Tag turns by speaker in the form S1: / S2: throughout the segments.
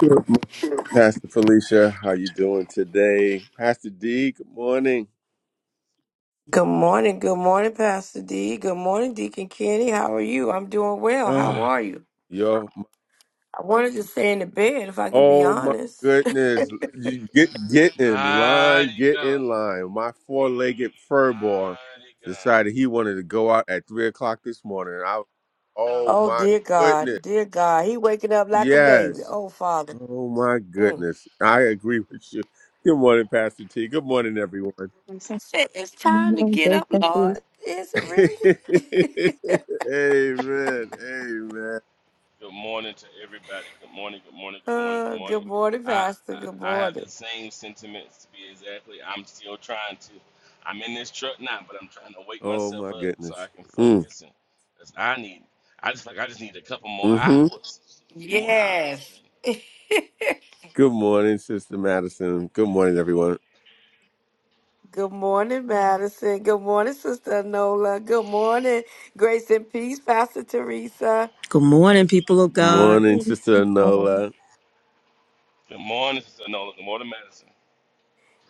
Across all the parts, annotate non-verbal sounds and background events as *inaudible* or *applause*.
S1: Good morning, Pastor Felicia, how you doing today? Pastor D, good morning.
S2: Good morning. Good morning, Pastor D. Good morning, Deacon Kenny. How are you? I'm doing well. How
S1: Oh,
S2: are you?
S1: yo,
S2: I wanted to stay in the bed if I could be
S1: oh my
S2: honest.
S1: goodness, you get get in line,
S3: Mighty
S1: get
S3: God.
S1: in line. My four-legged furball
S3: Mighty God.
S1: decided he wanted to go out at three o'clock this morning. I, oh
S2: Oh,
S1: my
S2: dear God.
S1: goodness,
S2: Dear God. He waking up like a baby.
S1: yes,
S2: Oh, Father.
S1: oh my
S2: Mm.
S1: goodness, I agree with you. Good morning, Pastor T. Good morning, everyone. *laughs*
S2: I said, it's time to get up, Lord. Is it really?
S1: amen.
S2: *laughs*
S1: Amen.
S3: Good morning to everybody. Good morning, good morning, good morning, good
S2: Uh,
S3: morning.
S2: good morning,
S3: I,
S2: Pastor.
S3: I
S2: Good
S3: I have
S2: morning.
S3: the same sentiments to be exactly. I'm still trying to. I'm in this truck now, but I'm trying to wake
S1: Oh
S3: myself
S1: my
S3: up so I
S1: goodness.
S3: can
S1: Mm,
S3: focus and that's I need. I just like I just need a couple more
S1: hmm
S3: hours. Just a few more hours a
S2: Yes.
S3: day.
S2: *laughs*
S1: Good morning, Sister Madison. Good morning, everyone.
S2: Good morning, Madison. Good morning, Sister Nola. Good morning, Grace and Peace, Pastor Teresa.
S4: Good morning, people of God.
S1: Morning, Sister Anola.
S3: Good morning, Sister Nola. Good morning, Madison.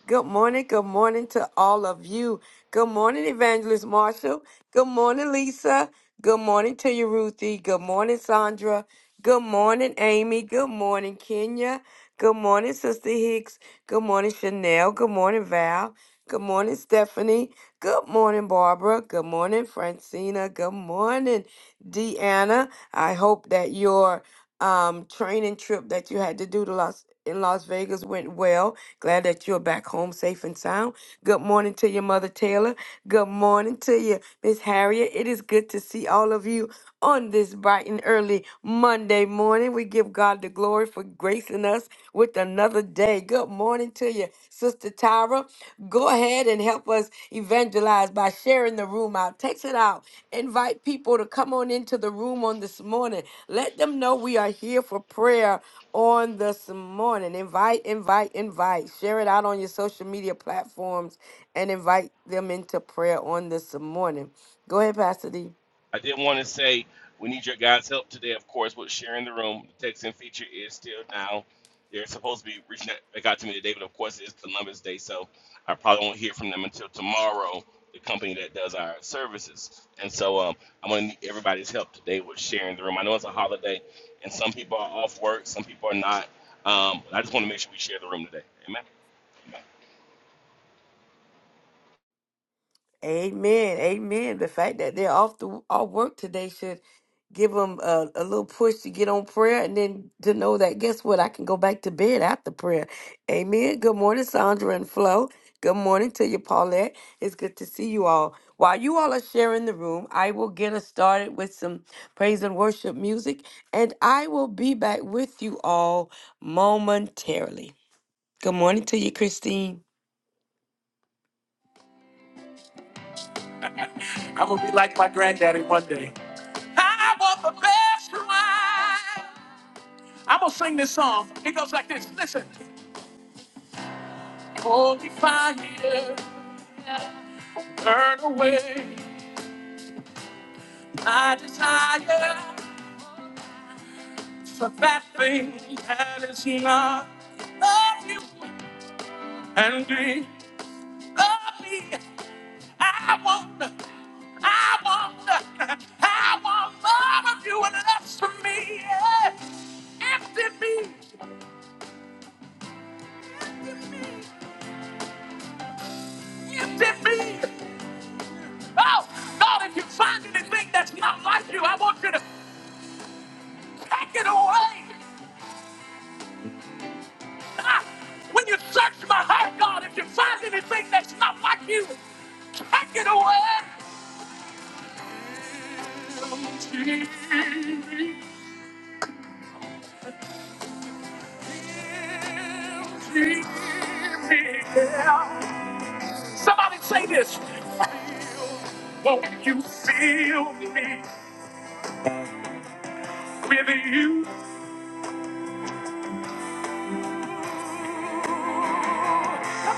S2: Good morning. Good morning to all of you. Good morning, Evangelist Marshall. Good morning, Lisa. Good morning to you, Ruthie. Good morning, Sandra. Good morning, Amy. Good morning, Kenya. Good morning, Sister Hicks. Good morning, Chanel. Good morning, Val. Good morning, Stephanie. Good morning, Barbara. Good morning, Francina. Good morning, Deanna. I hope that your um, training trip that you had to do to Las in Las Vegas went well Glad that you're back home safe and sound. Good morning to your mother, Taylor. Good morning to you, Miss Harriet. It is good to see all of you on this bright and early Monday morning. We give God the glory for gracing us with another day. Good morning to you, Sister Tyra. Go ahead and help us evangelize by sharing the room out. Text it out. Invite people to come on into the room on this morning. Let them know we are here for prayer on this morning. Invite, invite, invite. Share it out on your social media platforms and invite them into prayer on this morning. Go ahead, Pastor D.
S3: I did want to say we need your guys' help today, of course, with sharing the room. The text in feature is still now. They're supposed to be reaching out. They got to me today, but of course it's Columbus Day, so I probably won't hear from them until tomorrow. The company that does our services, and so um, I'm gonna need everybody's help today with sharing the room. I know it's a holiday, and some people are off work, some people are not. Um, but I just want to make sure we share the room today. Amen. Amen.
S2: Amen. Amen. The fact that they're off the off work today should give them a, a little push to get on prayer and then to know that guess what? I can go back to bed after prayer. Amen. Good morning, Sandra and Flo. Good morning to you, Paulette. It's good to see you all. While you all are sharing the room, I will get us started with some praise and worship music, and I will be back with you all momentarily. Good morning to you, Christine. I'm gonna be like my granddaddy one day. I want the best life. I'm gonna sing this song. It goes like this. Listen. Holy fire, burn away my desire for that thing that is not of you and be of me. I want, I want, I want more of you and less of me. Yes. Empty me. gifted me. Oh, God, if you find anything that's not like you, I want you to take it away. Ah, when you search my heart, God, if you find anything that's not like you, take it away. Somebody say this. Won't you fill me with you? Come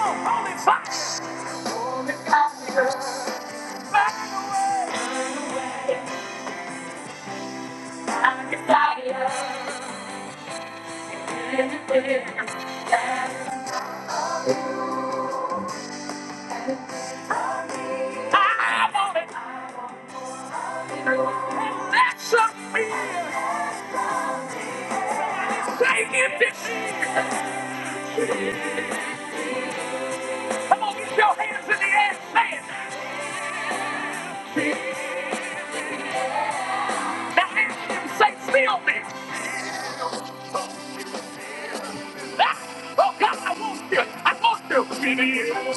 S2: on, holy fox. Back away. I want it. That's a fear. Say it this year. Come on, get your hands in the air. Say it. Now ask him, say, feel me. Ah, Oh God, I want you. I want you. It is.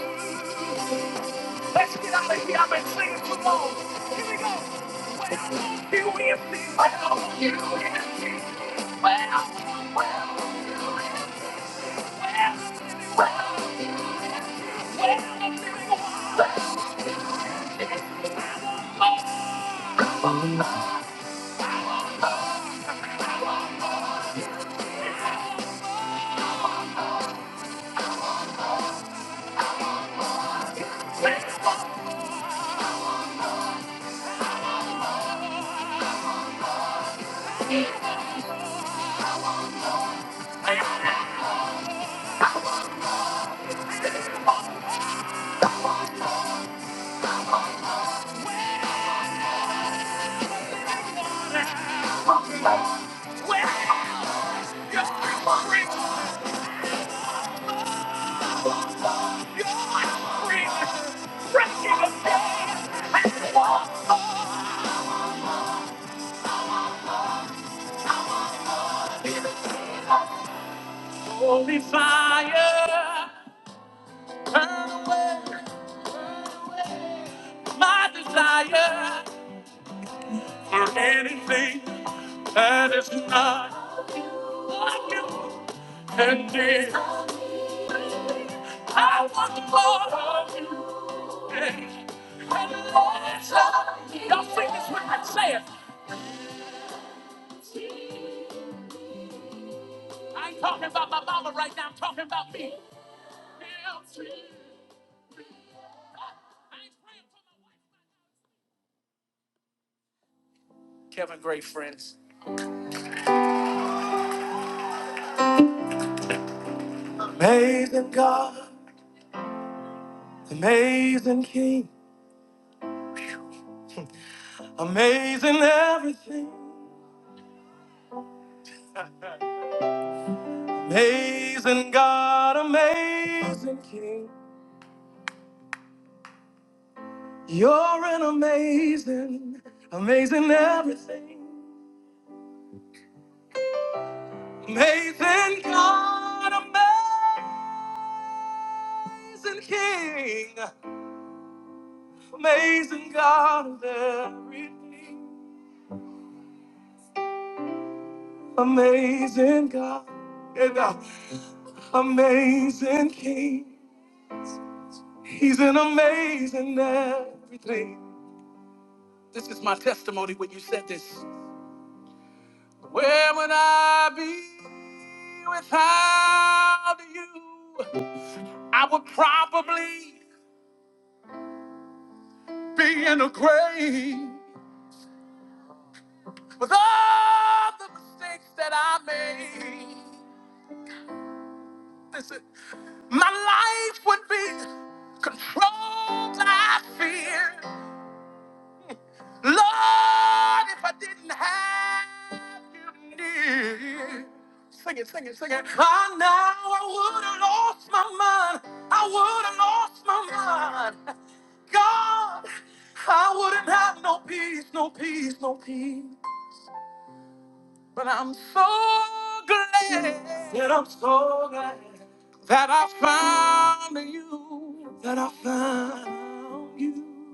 S2: Let's get out of here. I've been singing too long. Here we go. Well, won't you empty? Well, won't you empty? Well, well, won't you empty? Well, well, well, I'm feeling wild. Well, won't you empty? well, you're free. You're free. Breaking the bed and walk on. Holy fire, burn away my desire. for anything that is not like you. And dear, I want more of you. And less of you. Y'all sing this with me. Say it. I ain't talking about my mama right now. I'm talking about me. Kevin Gray, friends. Amazing God, amazing King. Amazing everything, amazing God, amazing King. You're an amazing, amazing everything, amazing God, amazing King, amazing God of everything, amazing God, and uh, amazing King. He's an amazing everything. This is my testimony when you said this. Where would I be without you? I would probably be in a grave with all the mistakes that I made. Listen, my life would be controlled by fear. Lord, if I didn't have you near, sing it, sing it, sing it. I know I would have lost my mind. I would have lost my mind. God, I wouldn't have no peace, no peace, no peace. But I'm so glad that I'm so glad that I found you, that I found you.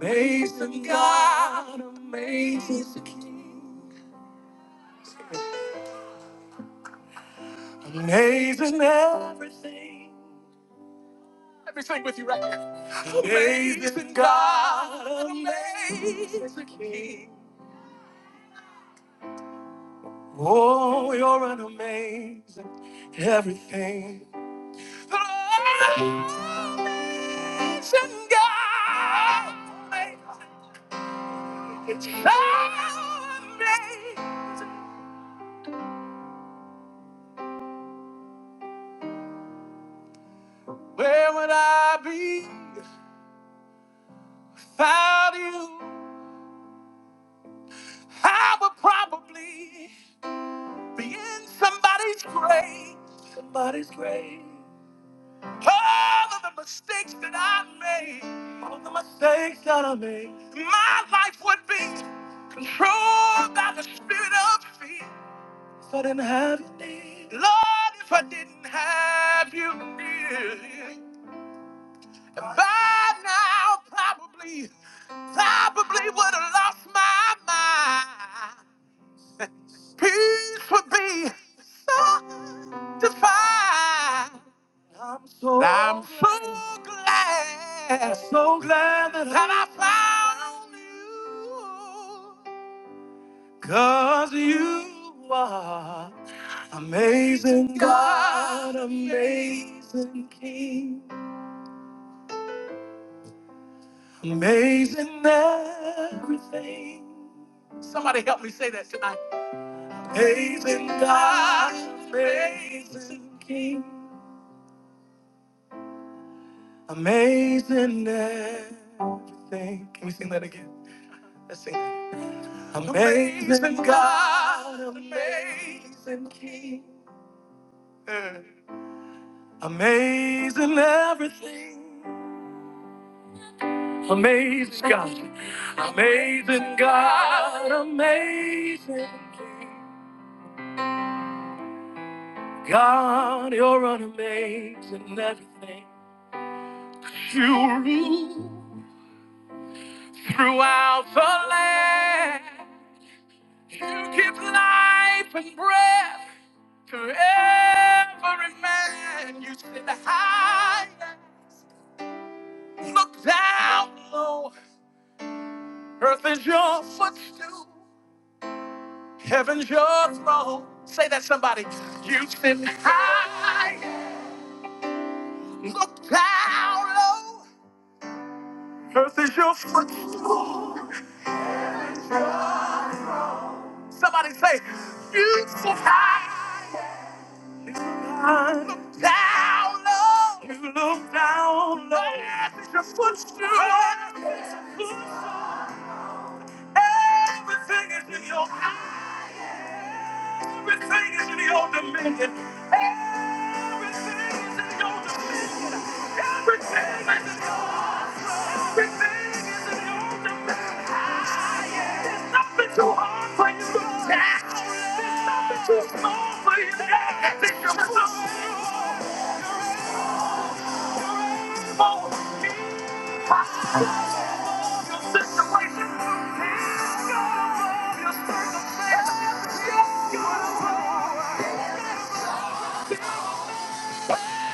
S2: Amazing God, amazing King, amazing everything. Let me sing with you right now. Amazing God, amazing King. Oh, you're an amazing everything. Amazing God, amazing. Amazing. Where would I be without you? I would probably be in somebody's grave. Somebody's grave. All of the mistakes that I made. All of the mistakes that I made. My life would be controlled by the spirit of fear. If I didn't have you near. Lord, if I didn't have you near. And by now, probably, probably would have lost my mind. Peace would be satisfied. I'm so, I'm so glad, so glad that, that I found you. Cause you are amazing God, amazing King, amazing everything. Somebody help me say that tonight. Amazing God, amazing King. Amazing everything. Can we sing that again? Let's sing that. Amazing, God, God, amazing King. Uh, Amazing everything. Amazing God. Amazing God, amazing King. God, you're an amazing everything. You rule throughout the land. You give life and breath to every man. You sit high, look down low. Earth is your footstool, heaven's your throne. Say that somebody. You sit high, look down low. Earth is your footstool. Somebody say, You sit high. Down low, you look down low. Earth is your footstool. Everything is in your eyes. Everything is in your dominion. Everything is in your dominion. Everything is in your. Everything is in your dominion. There's nothing too hard for you to There's nothing too small for you to tackle. your footstool.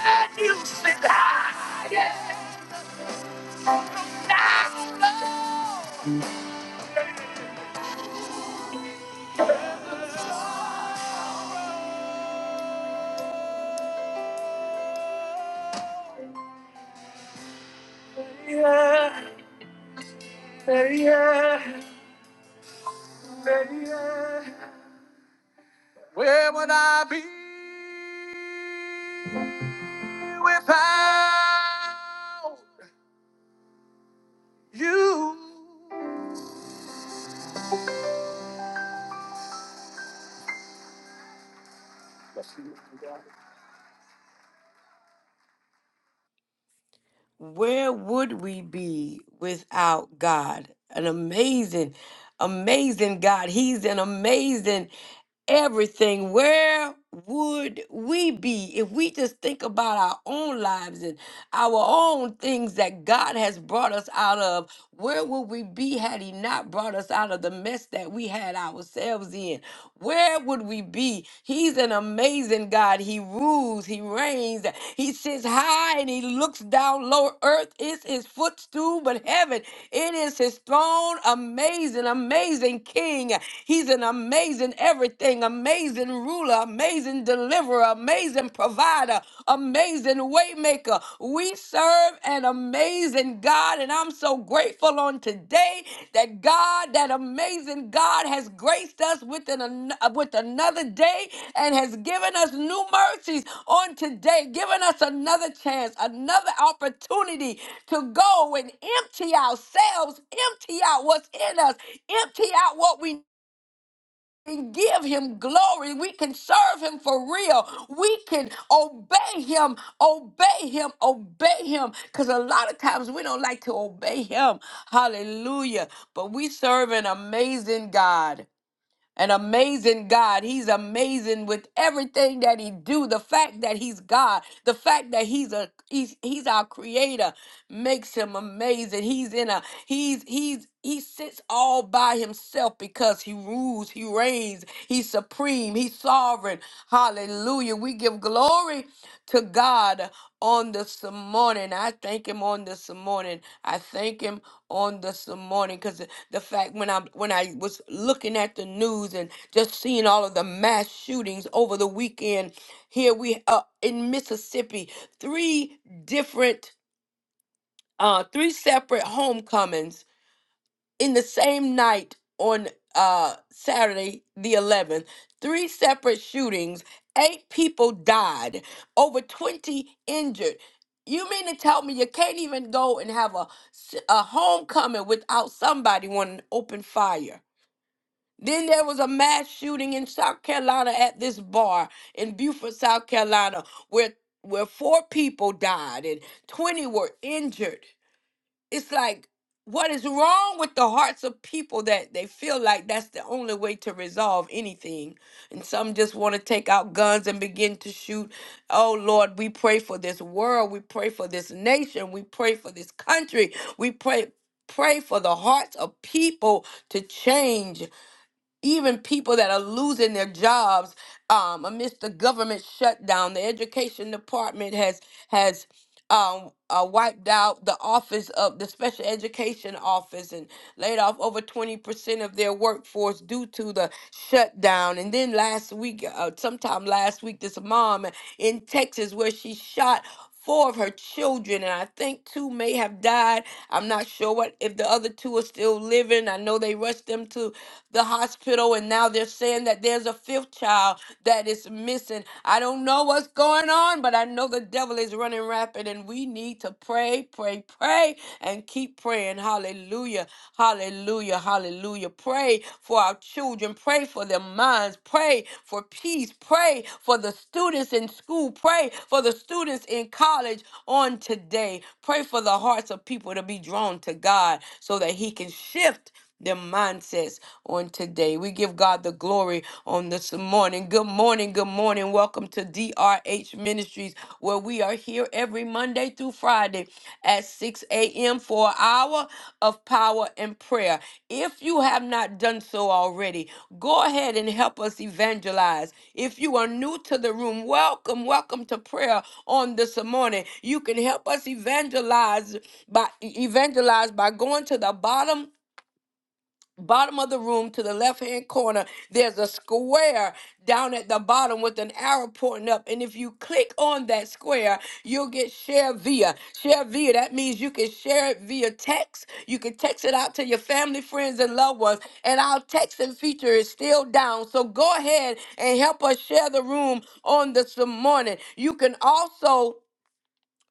S2: And you sit high and look down Yeah, yeah, yeah, yeah. Where would I be without you? Where would we be without God? An amazing, amazing God. He's an amazing everything, where would we be if we just think about our own lives and our own things that God has brought us out of? Where would we be had He not brought us out of the mess that we had ourselves in? Where would we be? He's an amazing God. He rules, He reigns, He sits high and He looks down low. Earth is His footstool, but heaven, it is His throne. Amazing, amazing King. He's an amazing everything, amazing ruler, amazing deliverer, amazing provider provider, amazing waymaker. We serve an amazing God, and I'm so grateful on today that God, that amazing God, has graced us with an with another day and has given us new mercies on today, given us another chance, another opportunity to go and empty ourselves, empty out what's in us, empty out what we can give him glory. We can serve him for real. We can obey him, obey him, obey him. Because a lot of times we don't like to obey him. Hallelujah. But we serve an amazing God an amazing God. He's amazing with everything that he do. The fact that he's God, the fact that he's a he's he's our creator makes him amazing. He's in a he's he's he sits all by himself because he rules, he reigns, he's supreme, he's sovereign. Hallelujah. We give glory to God on this morning. I thank him on this morning. I thank him on this morning because the fact when I when I was looking at the news and just seeing all of the mass shootings over the weekend, here we are in Mississippi, three different uh, three separate homecomings in the same night on uh, Saturday, the 11th, three separate shootings, eight people died, over 20 injured. You mean to tell me you can't even go and have a, s- a homecoming without somebody wanting to open fire? Then there was a mass shooting in South Carolina at this bar in Beaufort, South Carolina, where where four people died and 20 were injured it's like what is wrong with the hearts of people that they feel like that's the only way to resolve anything and some just want to take out guns and begin to shoot oh lord we pray for this world we pray for this nation we pray for this country we pray pray for the hearts of people to change even people that are losing their jobs um, amidst the government shutdown. The education department has has um, uh, wiped out the office of the special education office and laid off over 20% of their workforce due to the shutdown. And then last week, uh, sometime last week, this mom in Texas where she shot four of her children and i think two may have died i'm not sure what if the other two are still living i know they rushed them to the hospital, and now they're saying that there's a fifth child that is missing. I don't know what's going on, but I know the devil is running rapid, and we need to pray, pray, pray, and keep praying. Hallelujah. Hallelujah. Hallelujah. Pray for our children. Pray for their minds. Pray for peace. Pray for the students in school. Pray for the students in college on today. Pray for the hearts of people to be drawn to God so that He can shift their mindsets on today. We give God the glory on this morning. Good morning, good morning. Welcome to DRH Ministries, where we are here every Monday through Friday at 6 a.m. for an hour of power and prayer. If you have not done so already, go ahead and help us evangelize. If you are new to the room, welcome, welcome to prayer on this morning. You can help us evangelize by evangelize by going to the bottom bottom of the room to the left hand corner there's a square down at the bottom with an arrow pointing up and if you click on that square you'll get share via share via that means you can share it via text you can text it out to your family friends and loved ones and our texting feature is still down so go ahead and help us share the room on this morning you can also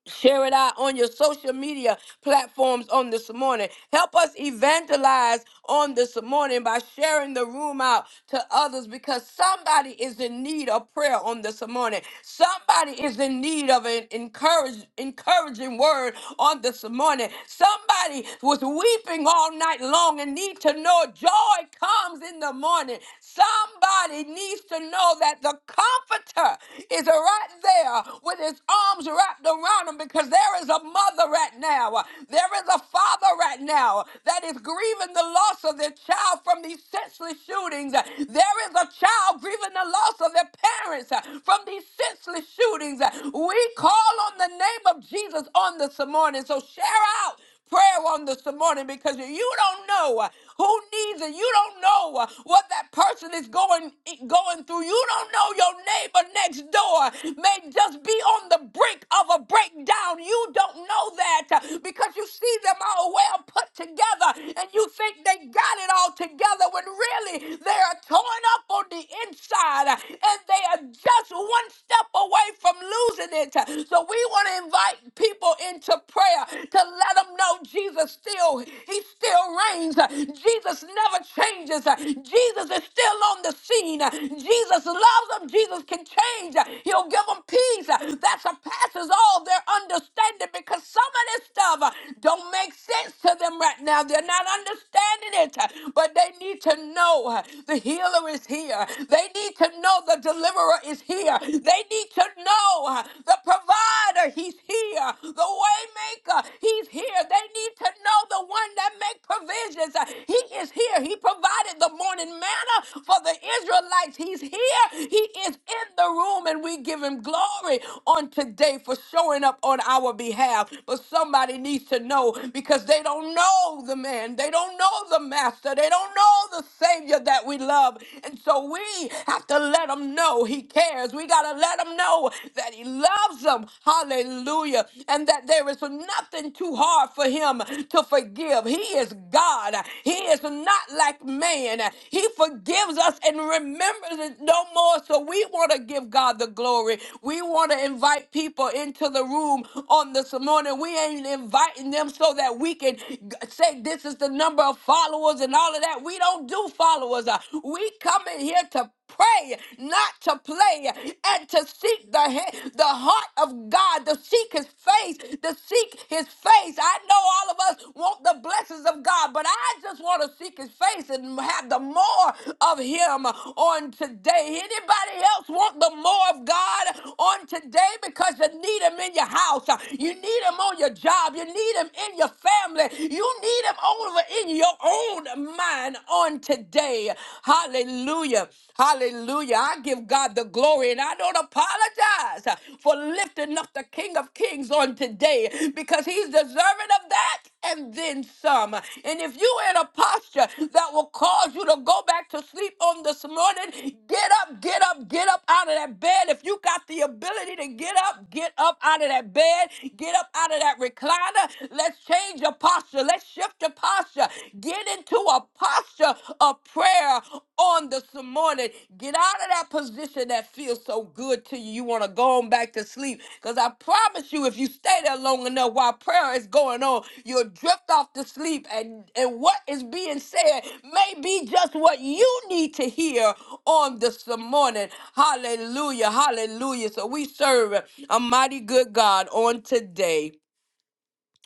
S2: Share it out on your social media platforms on this morning. Help us evangelize on this morning by sharing the room out to others because somebody is in need of prayer on this morning. Somebody is in need of an encourage, encouraging word on this morning. Somebody was weeping all night long and need to know joy comes in the morning. Somebody needs to know that the comforter is right there with his arms wrapped around him because there is a mother right now. There is a father right now that is grieving the loss of their child from these senseless shootings. There is a child grieving the loss of their parents from these senseless shootings. We call on the name of Jesus on this morning. So share out prayer on this morning because you don't know uh, who needs it. You don't know uh, what that person is going eh, going through. You don't know your neighbor next door may just be on the brink of a breakdown. You don't know that uh, because you see them all well put together and you think they got it all together when really they are torn up on the inside uh, and they are just one step away from losing it. So we want to invite people into prayer to let them know Jesus still, he still reigns. Jesus never changes. Jesus is still on the scene. Jesus loves them. Jesus can change. He'll give them peace that surpasses all their understanding because some of this stuff don't make sense to them right now. They're not understanding it, but they need to know the healer is here. They need to know the deliverer is here. They need to know know uh, the provider, he's here. The waymaker, he's here. They need to know the one that make provisions. Uh, He is here. He provided the morning manna for the Israelites. He's here. He is in the room and we give him glory on today for showing up on our behalf. But somebody needs to know because they don't know the man. They don't know the master. They don't know the savior that we love. And so we have to let them know know he cares. We got to let him know that he loves them. Hallelujah. And that there is nothing too hard for him to forgive. He is God. He is not like man. He forgives us and remembers it no more. So we want to give God the glory. We want to invite people into the room on this morning. We ain't inviting them so that we can g- say this is the number of followers and all of that. We don't do followers. Uh, We come in here to pray, not to play, and to seek the, he- the heart of God, to seek his face, to seek his face. I know all of us want the blessings of God, but I just want to seek his face and have the more of him on today. Anybody else want the more of God on today? Because you need him in your house, you need him on your job, you need him in your family, you need him over in your own mind on today. Hallelujah. Hallelujah. I give God the glory and I don't apologize for lifting up the King of Kings on today because he's deserving of that and then some. And if you in a posture that will cause you to go back to sleep on this morning, get up, get up, get up out of that bed. If you got the ability to get up, get up out of that bed, get up out of that recliner. Let's change your posture. Let's shift your posture. Get into a posture of prayer on this morning. Get out of that position that feels so good to you. You want to go on back to sleep. Because I promise you, if you stay there long enough while prayer is going on, you'll drift off to sleep. And, and what is being said may be just what you need to hear on this morning. Hallelujah. Hallelujah. So we serve a mighty good God on today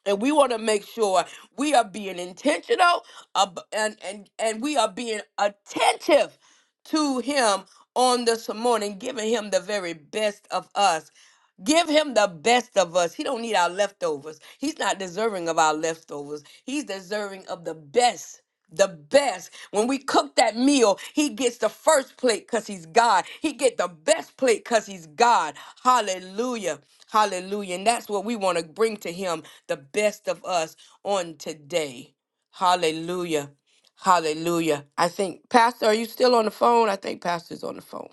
S2: and we want to make sure we are being intentional ab- and and and we are being attentive to him on this morning giving him the very best of us give him the best of us he don't need our leftovers he's not deserving of our leftovers he's deserving of the best the best when we cook that meal he gets the first plate because he's god he get the best plate because he's god hallelujah hallelujah and that's what we want to bring to him the best of us on today. Hallelujah. Hallelujah. I think, Pastor, are you still on the phone? I think Pastor's on the phone.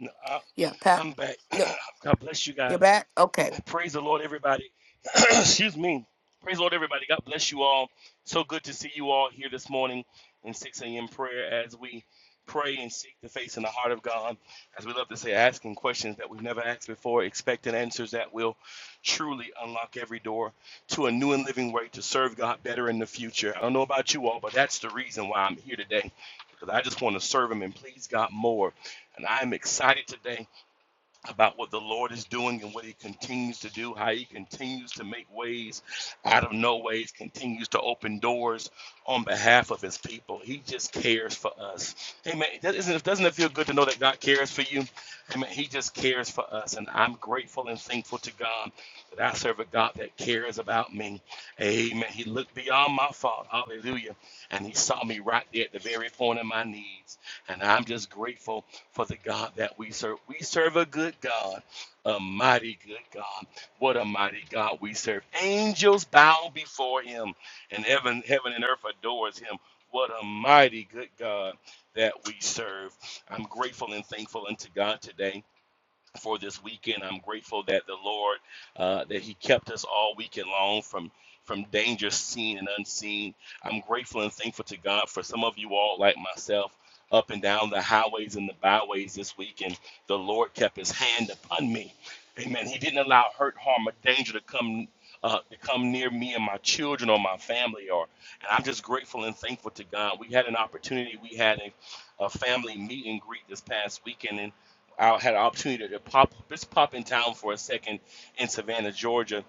S3: No, I-
S2: Yeah, Pat.
S3: I'm back.
S2: No,
S3: *clears throat* God bless you
S2: you're
S3: guys.
S2: back? Okay.
S3: I Praise the Lord, everybody. *clears throat* Excuse me. Praise the Lord, everybody. God bless you all. So good to see you all here this morning in 6 a.m. prayer as we pray and seek the face and the heart of God. As we love to say, asking questions that we've never asked before, expecting answers that will truly unlock every door to a new and living way to serve God better in the future. I don't know about you all, but that's the reason why I'm here today because I just want to serve Him and please God more. And I'm excited today about what the Lord is doing and what He continues to do, how He continues to make ways out of no ways, continues to open doors on behalf of His people. He just cares for us. Amen. That isn't, doesn't it feel good to know that God cares for you? Amen. He just cares for us. And I'm grateful and thankful to God that I serve a God that cares about me. Amen. He looked beyond my fault. Hallelujah. And He saw me right there at the very point of my needs. And I'm just grateful for the God that we serve. We serve a good God, a mighty good God. What a mighty God we serve. Angels bow before him, and heaven, heaven and earth adores him. What a mighty good God that we serve. I'm grateful and thankful unto God today for this weekend. I'm grateful that the Lord uh, that He kept us all weekend long from from danger seen and unseen. I'm grateful and thankful to God for some of you all like myself up and down the highways and the byways this weekend. The Lord kept His hand upon me. Amen. He didn't allow hurt, harm, or danger to come. Uh, to come near me and my children or my family or and i'm just grateful and thankful to god we had an opportunity we had a, a family meet and greet this past weekend and I had an opportunity to pop just pop in town for a second in Savannah, Georgia,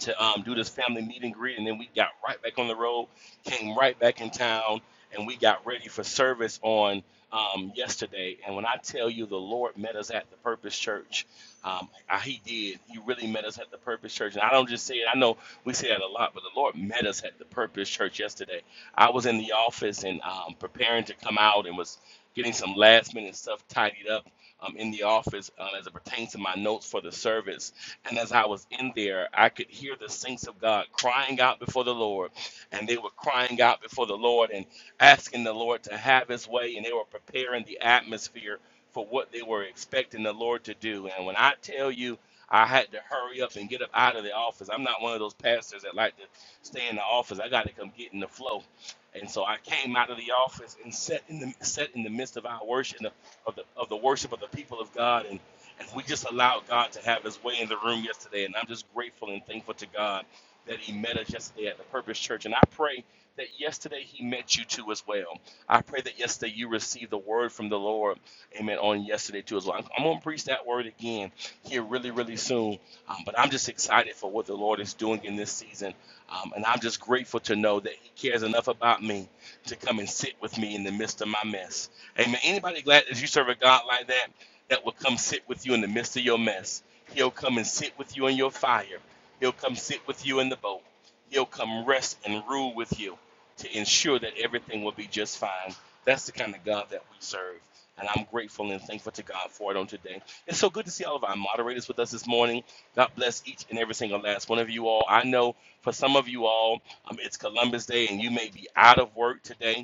S3: to um, do this family meet and greet, and then we got right back on the road, came right back in town, and we got ready for service on um, yesterday. And when I tell you, the Lord met us at the Purpose Church, um, I- He did. He really met us at the Purpose Church, and I don't just say it. I know we say that a lot, but the Lord met us at the Purpose Church yesterday. I was in the office and um, preparing to come out, and was getting some last minute stuff tidied up um, in the office um, as it pertains to my notes for the service and as I was in there, I could hear the saints of God crying out before the Lord. And they were crying out before the Lord and asking the Lord to have his way. And they were preparing the atmosphere for what they were expecting the Lord to do. And when I tell you, I had to hurry up and get up out of the office. I'm not one of those pastors that like to stay in the office. I got to come get in the flow. And so I came out of the office and sat in the sat in the midst of our worship of the of the worship of the people of God. and. And we just allowed God to have his way in the room yesterday. And I'm just grateful and thankful to God that he met us yesterday at the Purpose Church. And I pray that yesterday he met you too as well. I pray that yesterday you received the word from the Lord, amen, on yesterday too as well. I'm, I'm going to preach that word again here really, really soon. Um, but I'm just excited for what the Lord is doing in this season. Um, and I'm just grateful to know that he cares enough about me to come and sit with me in the midst of my mess. Amen. Anybody glad that you serve a God like that? that will come sit with you in the midst of your mess. He'll come and sit with you in your fire. He'll come sit with you in the boat. He'll come rest and rule with you to ensure that everything will be just fine. That's the kind of God that we serve. And I'm grateful and thankful to God for it on today. It's so good to see all of our moderators with us this morning. God bless each and every single last one of you all. I know for some of you all, um, it's Columbus Day and you may be out of work today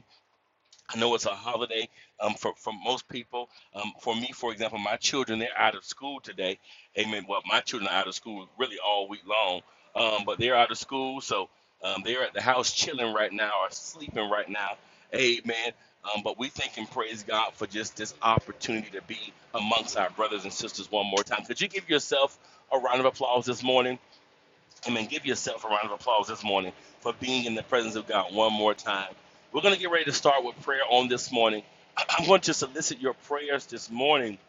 S3: I know it's a holiday um, for, for most people. Um, for me, for example, my children, they're out of school today. Amen. Well, my children are out of school really all week long, um, but they're out of school. So um, they're at the house chilling right now or sleeping right now. Amen. Um, but we thank and praise God for just this opportunity to be amongst our brothers and sisters one more time. Could you give yourself a round of applause this morning? Amen. Give yourself a round of applause this morning for being in the presence of God one more time. We're going to get ready to start with prayer on this morning. *clears throat* I'm going to solicit your prayers this morning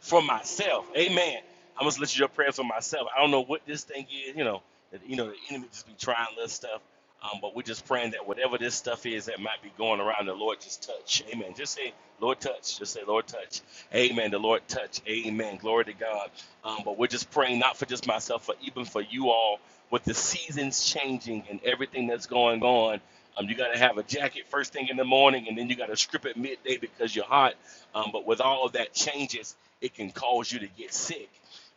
S3: for myself. Amen. I'm gonna let you your prayers for myself. I don't know what this thing is, you know. That, you know, the enemy just be trying little stuff. Um, but we're just praying that whatever this stuff is that might be going around, the Lord just touch. Amen. Just say, Lord touch. Just say, Lord touch. Amen. The Lord touch. Amen. Glory to God. Um, but we're just praying not for just myself, but even for you all with the seasons changing and everything that's going on. Um, you got to have a jacket first thing in the morning, and then you got to strip at midday because you're hot. Um, but with all of that changes, it can cause you to get sick.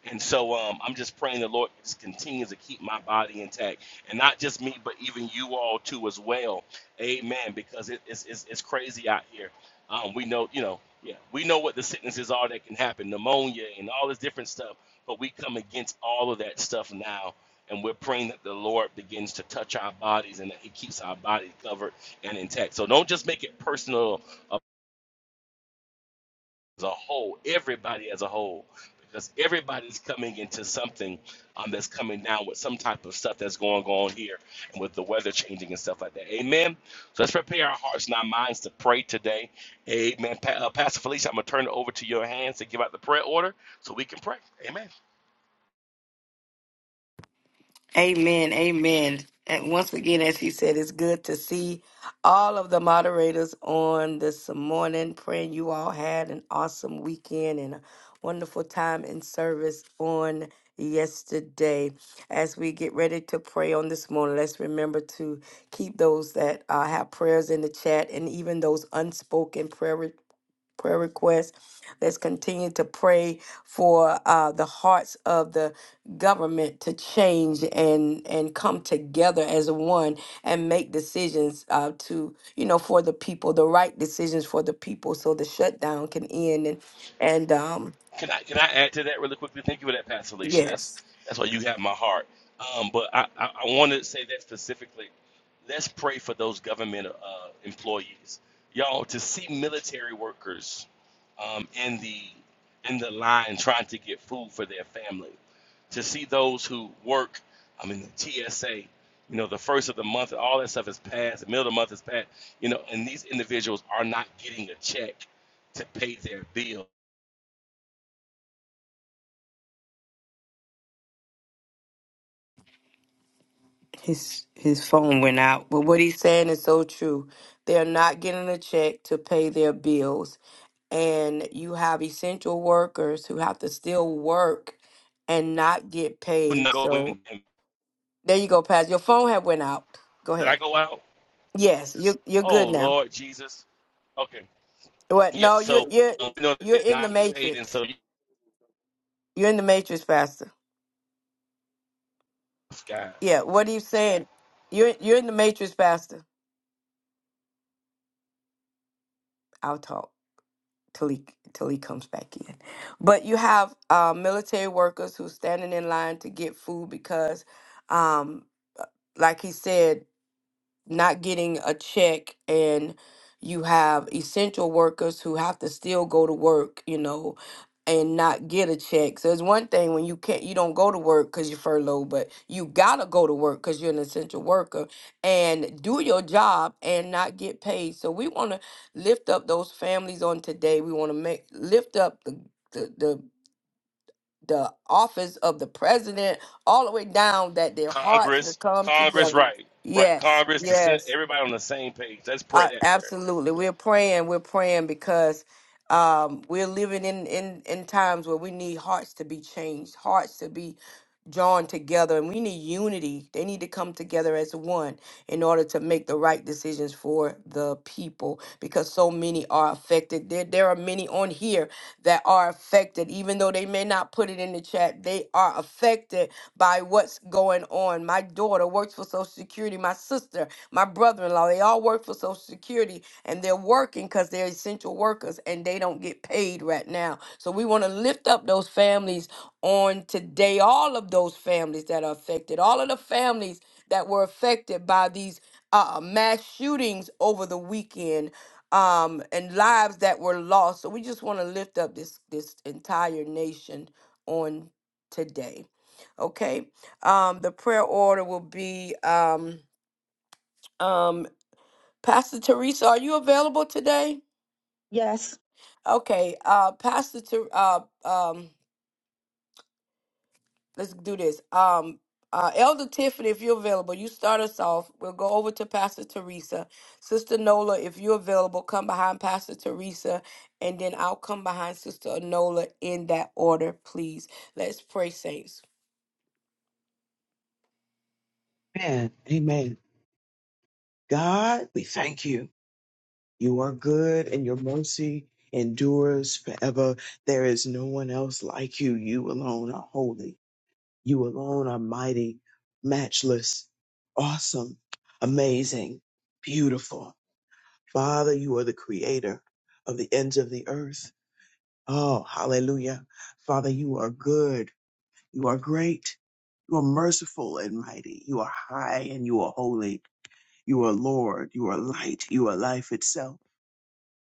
S3: And so um, I'm just praying the Lord just continues to keep my body intact, and not just me, but even you all too as well. Amen. Because it, it's, it's it's crazy out here. Um, we know, you know, yeah, we know what the sicknesses are that can happen, pneumonia and all this different stuff. But we come against all of that stuff now, and we're praying that the Lord begins to touch our bodies and that He keeps our bodies covered and intact. So don't just make it personal as a whole, everybody as a whole, because everybody's coming into something um, that's coming down with some type of stuff that's going on here and with the weather changing and stuff like that. Amen. So let's prepare our hearts and our minds to pray today. Amen. Pa- uh, Pastor Felicia, I'm going to turn it over to your hands to give out the prayer order so we can pray. Amen.
S2: Amen. Amen. And once again, as she said, it's good to see all of the moderators on this morning. Praying you all had an awesome weekend and a wonderful time in service on yesterday. As we get ready to pray on this morning, let's remember to keep those that uh, have prayers in the chat and even those unspoken prayer prayer requests. Let's continue to pray for uh, the hearts of the government to change and and come together as one and make decisions uh, to you know for the people, the right decisions for the people, so the shutdown can end. And and um,
S3: Can I can I add to that really quickly? Thank you for that, Pastor Alicia. That's
S2: yes,
S3: that's why you have my heart. Um, but I, I, I want to say that specifically. Let's pray for those government uh, employees, y'all. To see military workers um, in the in the line trying to get food for their family, to see those who work, I mean the TSA, you know the first of the month, all that stuff is passed. The middle of the month is passed, you know, and these individuals are not getting a check to pay their bills
S2: his his phone went out, but what he's saying is so true. They're not getting a check to pay their bills and you have essential workers who have to still work and not get
S3: would not
S2: paid.
S3: go
S2: So
S3: in.
S2: there you go, Paz. Your phone had went out. Go
S3: Did I
S2: ahead.
S3: go out?
S2: Yes, you you're
S3: Oh
S2: good now.
S3: Lord Jesus. Okay.
S2: What?
S3: Yeah.
S2: No, you
S3: So
S2: you
S3: um, you know that
S2: you're
S3: are
S2: in the
S3: not paid, and so
S2: matrix.
S3: you
S2: You're in the matrix, Pastor.
S3: guys,
S2: Yeah. What are you saying? You're you're in the matrix, Pastor. I'll talk till he till he comes back in. But you have uh, military workers who's standing in line to get food because, um, like he said. not getting a check and you have essential workers who have to still go to work, you know, and not get a check. So it's one thing when you can't you don't go to work cuz you're furloughed, but you got to go to work cuz you're an essential worker and do your job and not get paid. So we want to lift up those families on today. We want to make lift up the the the the office of the president all the way down that their hearts will
S3: Congress,
S2: come
S3: Congress,
S2: together.
S3: right, right,
S2: Yes.
S3: Congress, the Senate,
S2: Yes.
S3: everybody on the same page. Let's pray
S2: Uh,
S3: that prayer.
S2: absolutely.
S3: Yeah.
S2: We're praying. We're praying because um, we're living in, in, in times where we need hearts to be changed, hearts to be drawn together, and we need unity. They need to come together as one in order to make the right decisions for the people because so many are affected. There, there are many on here that are affected, even though they may not put it in the chat. They are affected by what's going on. My daughter works for Social Security, my sister my brother-in-law they all work for social security and they're working because they're essential workers and they don't get paid right now so we want to lift up those families on today all of those families that are affected all of the families that were affected by these uh, uh, mass shootings over the weekend um, and lives that were lost so we just want to lift up this this entire nation on today okay um, the prayer order will be um, um, Pastor Teresa, are you available today?
S5: Yes.
S2: Okay, uh, Pastor, Ter- uh, um, let's do this. Um, uh, Elder Tiffany, if you're available, you start us off. We'll go over to Pastor Teresa. Sister Nola, if you're available, come behind Pastor Teresa, and then I'll come behind Sister Nola in that order, please. Let's pray, saints.
S6: Amen. Amen. God, we thank you. You are good and your mercy endures forever. There is no one else like you. You alone are holy. You alone are mighty, matchless, awesome, amazing, beautiful. Father, you are the creator of the ends of the earth. Oh, hallelujah. Father, you are good. You are great. You are merciful and mighty. You are high and you are holy. You are Lord. You are light. You are life itself.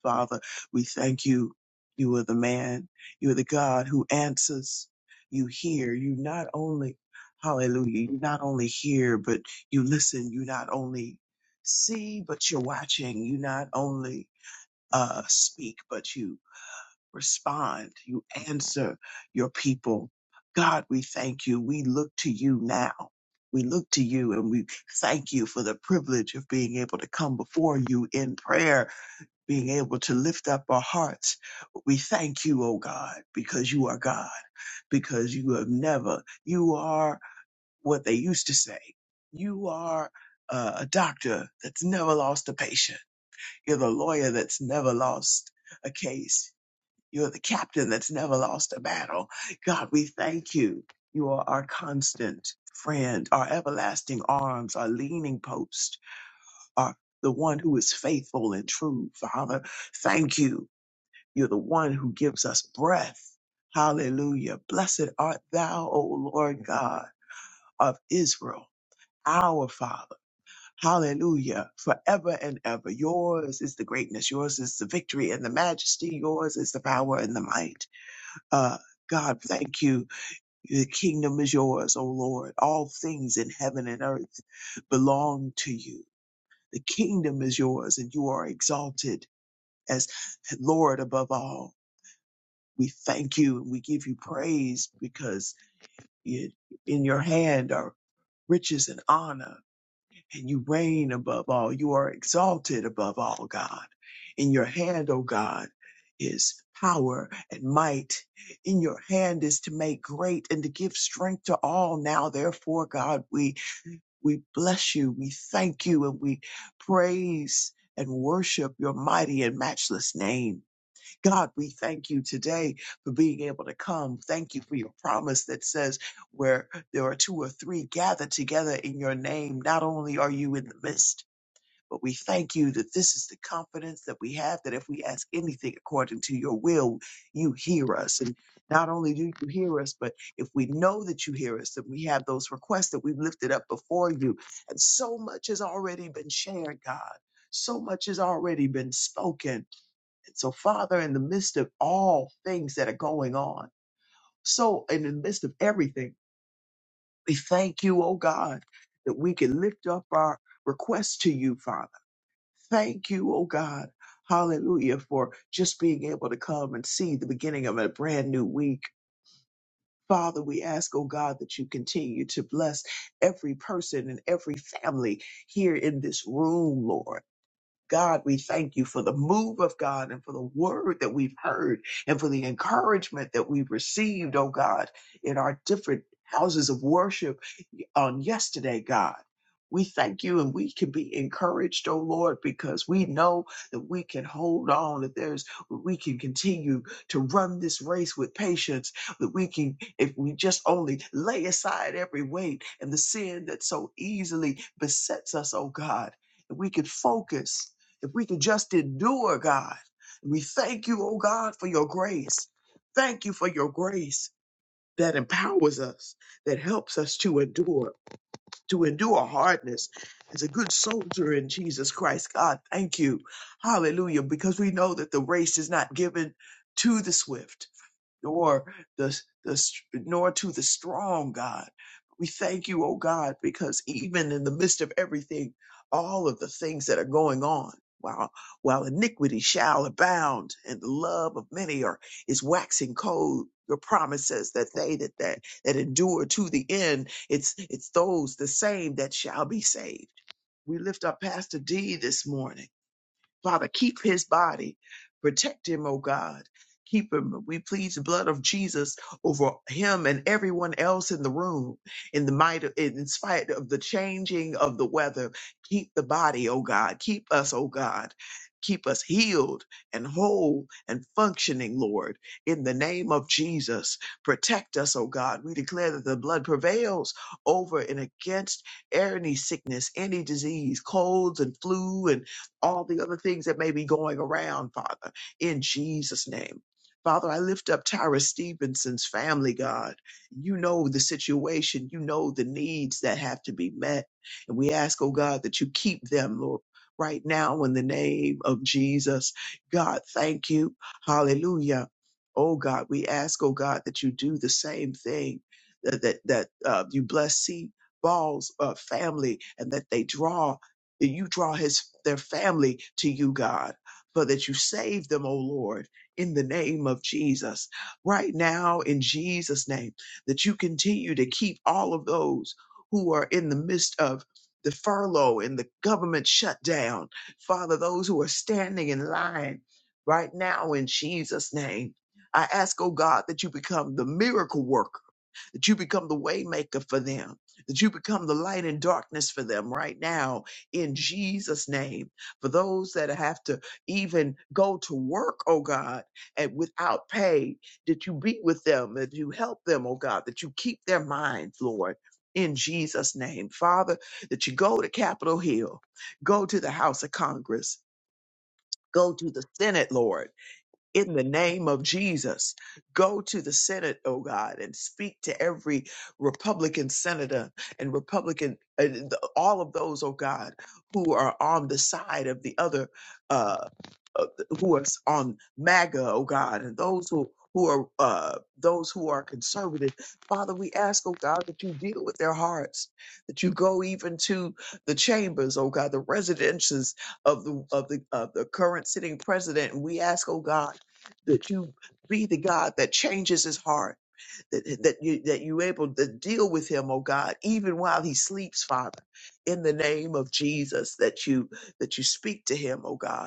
S6: Father, we thank you. You are the man. You are the God who answers. You hear. You not only, hallelujah, you not only hear, but you listen. You not only see, but you're watching. You not only uh, speak, but you respond. You answer your people. God, we thank you. We look to you now. We look to you and we thank you for the privilege of being able to come before you in prayer, being able to lift up our hearts. We thank you, oh God, because you are God, because you have never, you are what they used to say. You are uh, a doctor that's never lost a patient. You're the lawyer that's never lost a case you're the captain that's never lost a battle. God, we thank you. You are our constant friend, our everlasting arms, our leaning post, our the one who is faithful and true. Father, thank you. You're the one who gives us breath. Hallelujah. Blessed art thou, O Lord God of Israel, our Father. Hallelujah. Forever and ever. Yours is the greatness. Yours is the victory and the majesty. Yours is the power and the might. Uh, God, thank you. The kingdom is yours, O Lord. All things in heaven and earth belong to you. The kingdom is yours, and you are exalted as Lord above all. We thank you and we give you praise because you- in your hand are riches and honor and you reign above all. You are exalted above all, God. In your hand, O God, is power and might. In your hand is to make great and to give strength to all. Now, therefore, God, we, we bless you. We thank you and we praise and worship your mighty and matchless name. God, we thank you today for being able to come. Thank you for your promise that says, where there are two or three gathered together in your name, not only are you in the midst, but we thank you that this is the confidence that we have that if we ask anything according to your will, you hear us. And not only do you hear us, but if we know that you hear us, that we have those requests that we've lifted up before you. And so much has already been shared, God. So much has already been spoken and so, Father, in the midst of all things that are going on, so in the midst of everything, we thank you, oh God, that we can lift up our requests to you, Father. Thank you, oh God. Hallelujah, for just being able to come and see the beginning of a brand new week. Father, we ask, oh God, that you continue to bless every person and every family here in this room, Lord. God, we thank you for the move of God and for the word that we've heard and for the encouragement that we've received, oh God, in our different houses of worship on yesterday, God. We thank you and we can be encouraged, oh Lord, because we know that we can hold on, that there's, we can continue to run this race with patience, that we can, if we just only lay aside every weight and the sin that so easily besets us, oh God, that we can focus if we can just endure, God. We thank you, oh God, for your grace. Thank you for your grace that empowers us, that helps us to endure, to endure hardness as a good soldier in Jesus Christ. God, thank you. Hallelujah. Because we know that the race is not given to the swift nor the the nor to the strong God. We thank you, oh God, because even in the midst of everything, all of the things that are going on, while while iniquity shall abound and the love of many are is waxing cold. Your promise says that they that, that that endure to the end, it's it's those the same that shall be saved. We lift up Pastor D this morning Father, keep his body. Protect him, oh God. Keep him. We plead the blood of Jesus over him and everyone else in the room. In the might, in spite of the changing of the weather, keep the body, oh God. Keep us, oh God. Keep us healed and whole and functioning, Lord. In the name of Jesus, protect us, oh God. We declare that the blood prevails over and against any sickness, any disease, colds and flu and all the other things that may be going around, Father, in Jesus' name. Father, I lift up Tyra Stevenson's family, God. You know the situation. You know the needs that have to be met. And we ask, oh God, that you keep them, Lord, right now in the name of Jesus. God, thank you. Hallelujah. Oh God, we ask, oh God, that you do the same thing, that, that, that uh, you bless C. Ball's uh, family and that they draw that you draw his their family to you, God, for that you save them, oh Lord, in the name of Jesus. Right now, in Jesus' name, that you continue to keep all of those who are in the midst of the furlough and the government shutdown. Father, those who are standing in line right now in Jesus' name. I ask, oh God, that you become the miracle worker that you become the waymaker for them, that you become the light in darkness for them right now in Jesus' name. For those that have to even go to work, oh God, and without pay, that you be with them, that you help them, oh God, that you keep their minds, Lord. In Jesus' name, Father, that you go to Capitol Hill, go to the House of Congress, go to the Senate, Lord in the name of Jesus. Go to the Senate, oh God, and speak to every Republican senator and Republican, uh, th- all of those, oh God, who are on the side of the other, uh, uh, who are s- on MAGA, oh God, and those who who are uh, those who are conservative. Father, we ask, oh God, that you deal with their hearts, that you go even to the chambers, oh God, the residences of the of the of the current sitting president. And we ask, oh God that you be the God that changes his heart, that, that you that you able to deal with him, oh God, even while he sleeps, Father, in the name of Jesus, that you that you speak to him, oh God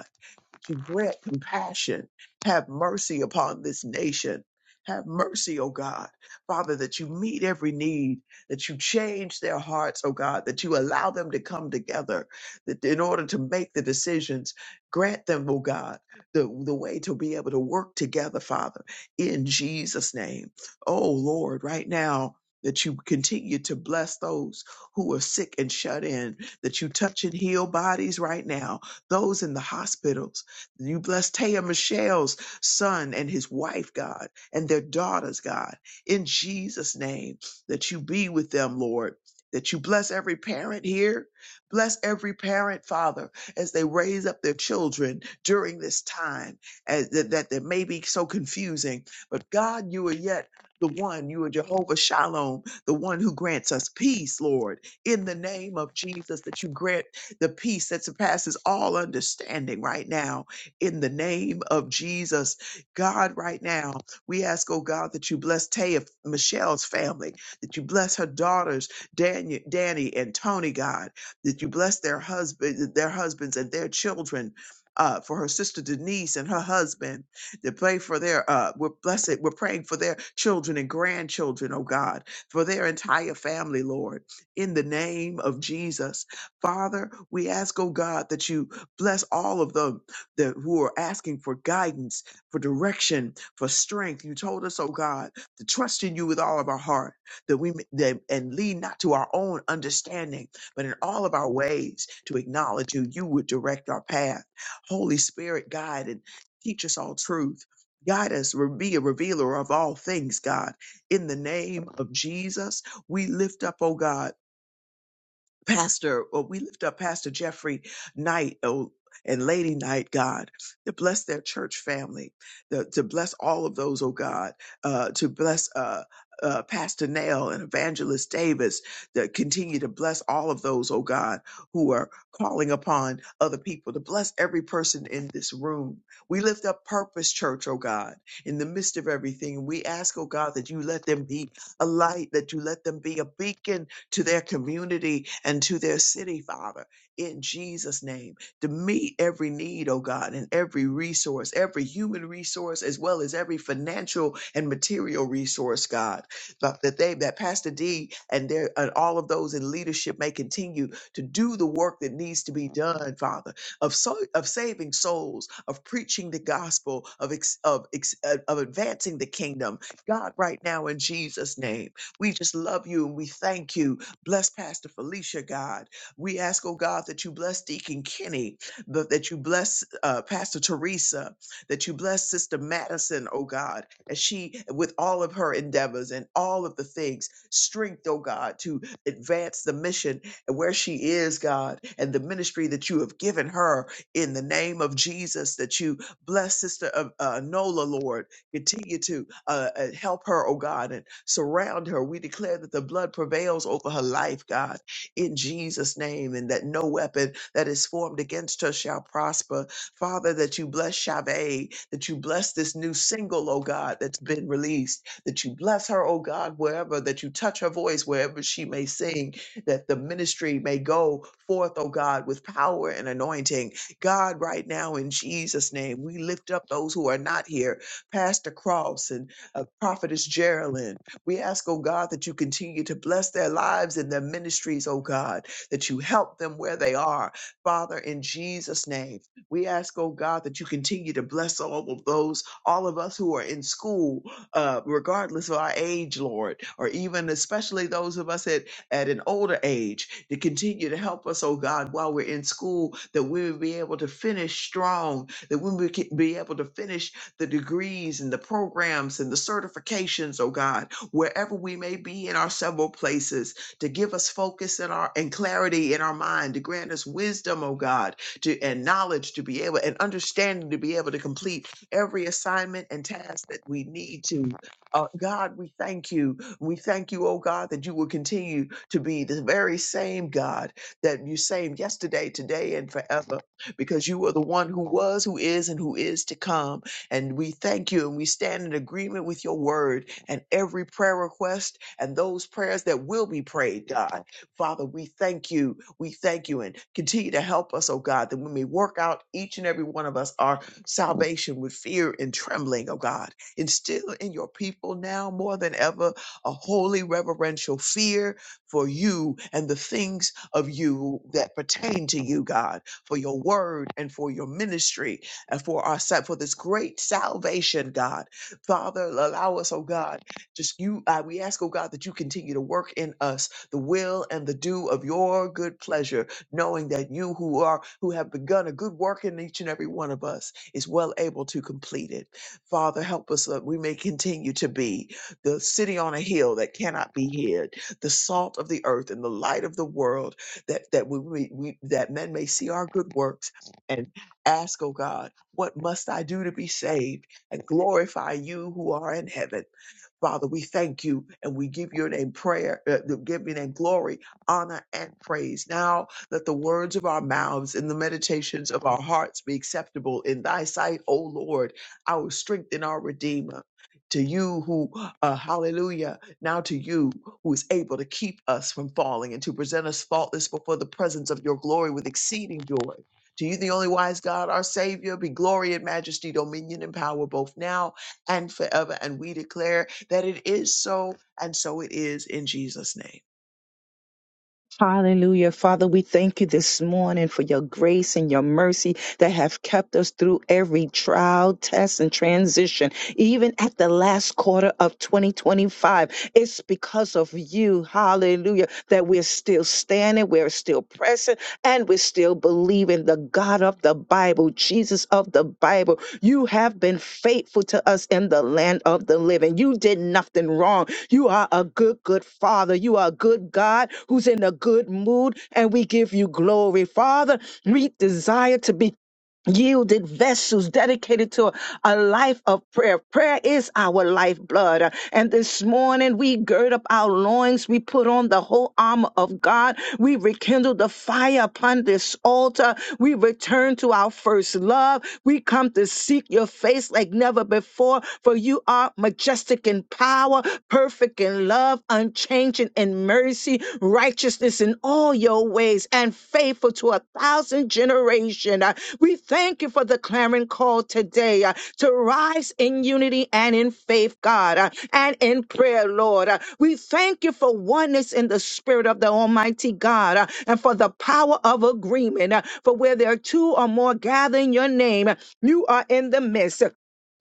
S6: to grant compassion. Have mercy upon this nation. Have mercy, O God. Father, that you meet every need, that you change their hearts, O God, that you allow them to come together that in order to make the decisions, grant them, O God, the, the way to be able to work together, Father, in Jesus' name. Oh, Lord, right now, that you continue to bless those who are sick and shut in, that you touch and heal bodies right now, those in the hospitals, you bless Taya Michelle's son and his wife, God, and their daughters, God, in Jesus' name, that you be with them, Lord. That you bless every parent here. Bless every parent, Father, as they raise up their children during this time as, that, that, that may be so confusing. But God, you are yet the one, you are Jehovah Shalom, the one who grants us peace, Lord, in the name of Jesus, that you grant the peace that surpasses all understanding right now in the name of Jesus. God, right now, we ask, oh God, that you bless Taya, Michelle's family, that you bless her daughters, Daniel, Danny and Tony, God, that you bless their husband, their husbands and their children. Uh, for her sister Denise and her husband, to pray for their uh, we're blessed. We're praying for their children and grandchildren, oh God, for their entire family, Lord, in the name of Jesus, Father. We ask, oh God, that you bless all of them that who are asking for guidance, for direction, for strength. You told us, oh God, to trust in you with all of our heart, that we may- that, and lead not to our own understanding, but in all of our ways to acknowledge you. You would direct our path. Holy Spirit, guide and teach us all truth. Guide us, re- be a revealer of all things, God. In the name of Jesus, we lift up, oh God. Pastor, or we lift up Pastor Jeffrey Knight oh, and Lady Knight, God, to bless their church family, the, to bless all of those, oh God, uh, to bless uh, uh, Pastor Nail and Evangelist Davis, that continue to bless all of those, oh God, who are calling upon other people, to bless every person in this room. We lift up Purpose Church, oh God, in the midst of everything. We ask, oh God, that you let them be a light, that you let them be a beacon to their community and to their city, Father, in Jesus' name, to meet every need, oh God, and every resource, every human resource, as well as every financial and material resource, God. But that they, that Pastor D and their and all of those in leadership may continue to do the work that needs to be done, Father, of so of saving souls, of preaching the gospel, of ex, of ex, uh, of advancing the kingdom. God, right now in Jesus' name, we just love you and we thank you Bless Pastor Felicia, God. We ask, oh God, that you bless Deacon Kenny, th- that you bless uh, Pastor Teresa, that you bless Sister Madison, oh God, as she, with all of her endeavors and all of the things, strength, oh God, to advance the mission and where she is, God, and the ministry that you have given her in the name of Jesus, that you bless Sister uh, uh, Nola, Lord Continue to uh, uh, help her, oh God, and surround her. We declare that the blood prevails over her life, God, in Jesus' name, and that no weapon that is formed against her shall prosper. Father, that you bless Chavez, that you bless this new single, oh God, that's been released, that you bless her, oh God, wherever, that you touch her voice wherever she may sing, that the ministry may go forth, oh God, with power and anointing. God, right now in Jesus' name, we lift up those who are not here Pastor Cross and uh, Prophetess Geraldine. We ask, oh God, that you continue to bless their lives and their ministries, oh God, that you help them where they are. Father, in Jesus' name, we ask, oh God, that you continue to bless all of those, all of us who are in school, uh, regardless of our age, Lord, or even especially those of us at, at an older age, to continue to help us, oh God, while we're in school, that we would be able to finish strong, that we would ke- be able to finish the degrees and the programs and the certifications, oh God, wherever we may be in our several places, to give us focus in our and clarity in our mind, to grant us wisdom, oh God, to and knowledge to be able and understanding to be able to complete every assignment and task that we need to. Uh, God, we thank you. We thank you, oh God, that you will continue to be the very same God that you same yesterday, today, and forever, because you are the one who was, who is, and who is to come. And we thank you and we stand in agreement with your word and every prayer request and those prayers that will be prayed, God. Father, we thank you. We thank you and continue to help us, oh God, that when we work out each and every one of us our salvation with fear and trembling, oh God, instill in your people now more than ever a holy reverential fear for you and the things of you that pertain to you, God, for your word and for your ministry and for our set for this great salvation, God. Father, allow us, oh God, just you, uh, we ask, oh God, that you continue to work in us the will and the do of your good pleasure, knowing that you who are, who have begun a good work in each and every one of us is well able to complete it. Father, help us that we may continue to be the city on a hill that cannot be hid, the salt of the earth and the light of the world, that, that we, we, we that men may see our good works and ask, oh God, what must I do to be saved and glorify you who are in heaven? Father, we thank you and we give your name prayer, uh, give your name glory, honor, and praise. Now let the words of our mouths and the meditations of our hearts be acceptable in thy sight, O Lord, our strength and our redeemer. To you who, uh, hallelujah, now to you who is able to keep us from falling and to present us faultless before the presence of your glory with exceeding joy. To you, the only wise God, our Savior, be glory and majesty, dominion and power, both now and forever. And we declare that it is so, and so it is in Jesus' name.
S5: Hallelujah. Father, we thank you this morning for your grace and your mercy that have kept us through every trial, test, and transition, even at the last quarter of 2025. It's because of you, hallelujah, that we're still standing, we're still pressing, and we're still believing the God of the Bible, Jesus of the Bible. You have been faithful to us in the land of the living. You did nothing wrong you are a good, good Father. You are a good God who's in a good mood, and we give you glory. Father, we desire to be yielded vessels dedicated to a life of prayer. Prayer is our lifeblood. And this morning we gird up our loins. We put on the whole armor of God. We rekindle the fire upon this altar. We return to our first love. We come to seek your face like never before, for you are majestic in power, perfect in love, unchanging in mercy, righteousness in all your ways, and faithful to a thousand generations. We thank you for the clarion call today uh, to rise in unity and in faith, God, uh, and in prayer, Lord. Uh, We thank you for oneness in the spirit of the Almighty God uh, and for the power of agreement. uh, For where there are two or more gathering your name, uh, you are in the midst.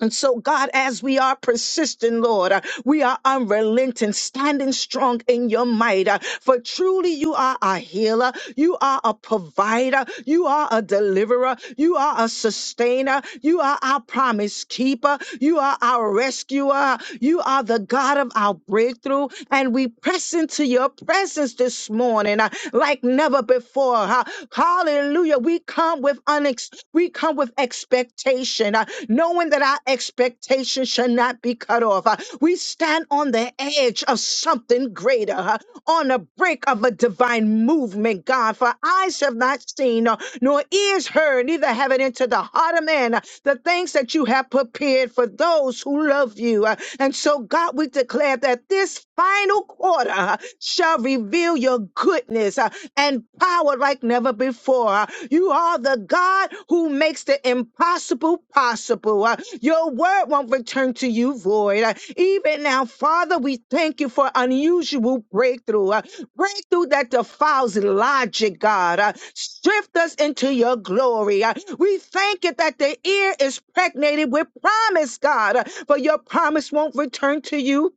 S5: And so, God, as we are persistent, Lord, uh, we are unrelenting, standing strong in your might. uh, For truly you are a healer, you are a provider, you are a deliverer, you are a sustainer, you are our promise keeper, you are our rescuer, you are the God of our breakthrough. And we press into your presence this morning morning uh, like never before. uh, Hallelujah. We come with unex- we come with expectation, uh, knowing that our expectation shall not be cut off. uh, We stand on the edge of something greater, uh, on the brink of a divine movement, God. For eyes have not seen, uh, nor ears heard, neither have it entered the heart of man uh, the things that you that you have prepared for those who love you. Uh, And so, God, we declare that this final quarter uh, shall reveal your goodness uh, and power like never before. Uh, You are the God who makes the impossible possible. Uh, Your word won't return to you void. Uh, Even now, Father, we thank you for unusual breakthrough. Uh, Break through that defiles logic, God. Uh, shift us into your glory. Uh, we thank it that the ear is pregnated with promise, God, uh, for your promise won't return to you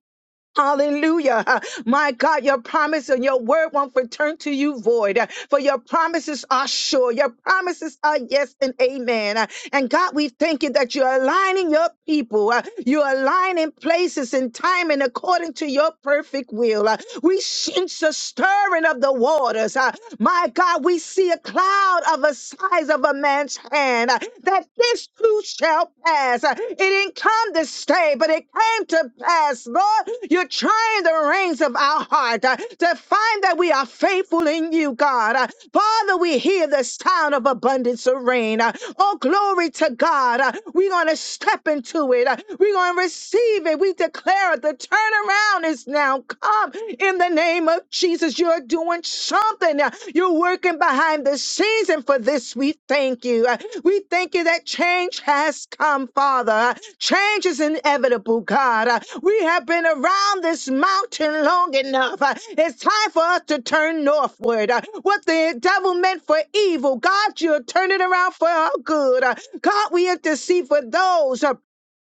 S5: Hallelujah. My God, your promise and your word won't return to you void. For your promises are sure. Your promises are yes and amen. And God, we thank you that you're aligning your people. You're aligning places and time and according to your perfect will. We sense a stirring of the waters. My God, we see a cloud of the size of a man's hand uh, that this too shall pass. Uh, It didn't come to stay, but it came to pass. Lord, you're trying the reins of our heart uh, to find that we are faithful in you, God. Uh, Father, we hear the sound of abundance of rain. Uh, Oh, glory to God. Uh, We're going to step into it. Uh, We're going to receive it. We declare it. The turnaround is now come in the name of Jesus, you're doing something. You're working behind the scenes. And for this, we thank you. We thank you that change has come, Father. Change is inevitable, God. We have been around this mountain long enough. It's time for us to turn northward. What the devil meant for evil, God, you're turning around for our good. God, we intercede for those uh,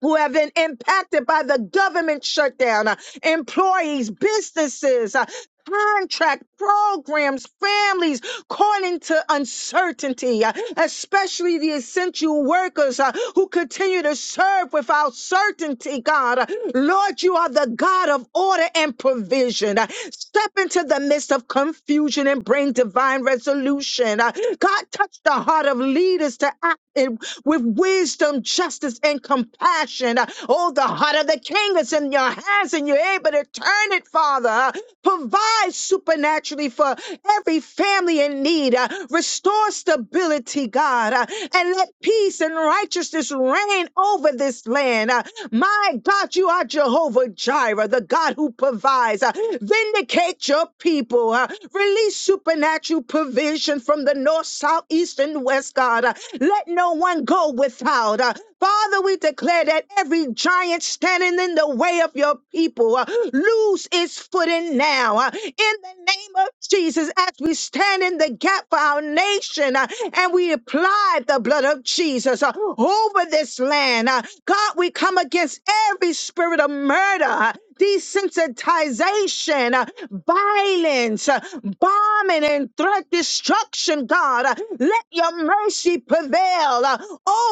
S5: who have been impacted by the government shutdown, uh, employees, businesses. Uh, contract programs, families caught into uncertainty, uh, especially the essential workers uh, who continue to serve without certainty, God. Uh, Lord, you are the God of order and provision. Uh, Step into the midst of confusion and bring divine resolution. Uh, God, touch the heart of leaders to act. in with wisdom, justice, and compassion. Oh, the heart of the king is in your hands and you're able to turn it, Father. Provide supernaturally for every family in need. Restore stability, God, and let peace and righteousness reign over this land. My God, you are Jehovah Jireh, the God who provides. Uh, Vindicate your people. Uh, Release supernatural provision from the north, south, east, and west, God. Uh, Let no one go without. Uh, Father, we declare that every giant standing in the way of your people uh, lose its footing now. Uh, in the name of Jesus as we stand in the gap for our nation uh, and we apply the blood of Jesus uh, over this land. uh, God, we come against every spirit of murder, uh, desensitization, uh, violence, uh, bombing, and threat destruction, God. Uh, Let your mercy prevail uh,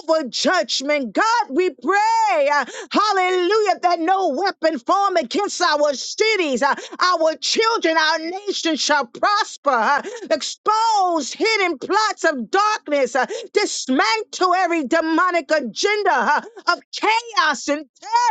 S5: over judgment. God, we pray, uh, hallelujah, that no weapon formed against our cities, uh, our children, our nation shall prosper. uh, expose hidden plots of darkness, uh, dismantle every demonic agenda uh, of chaos and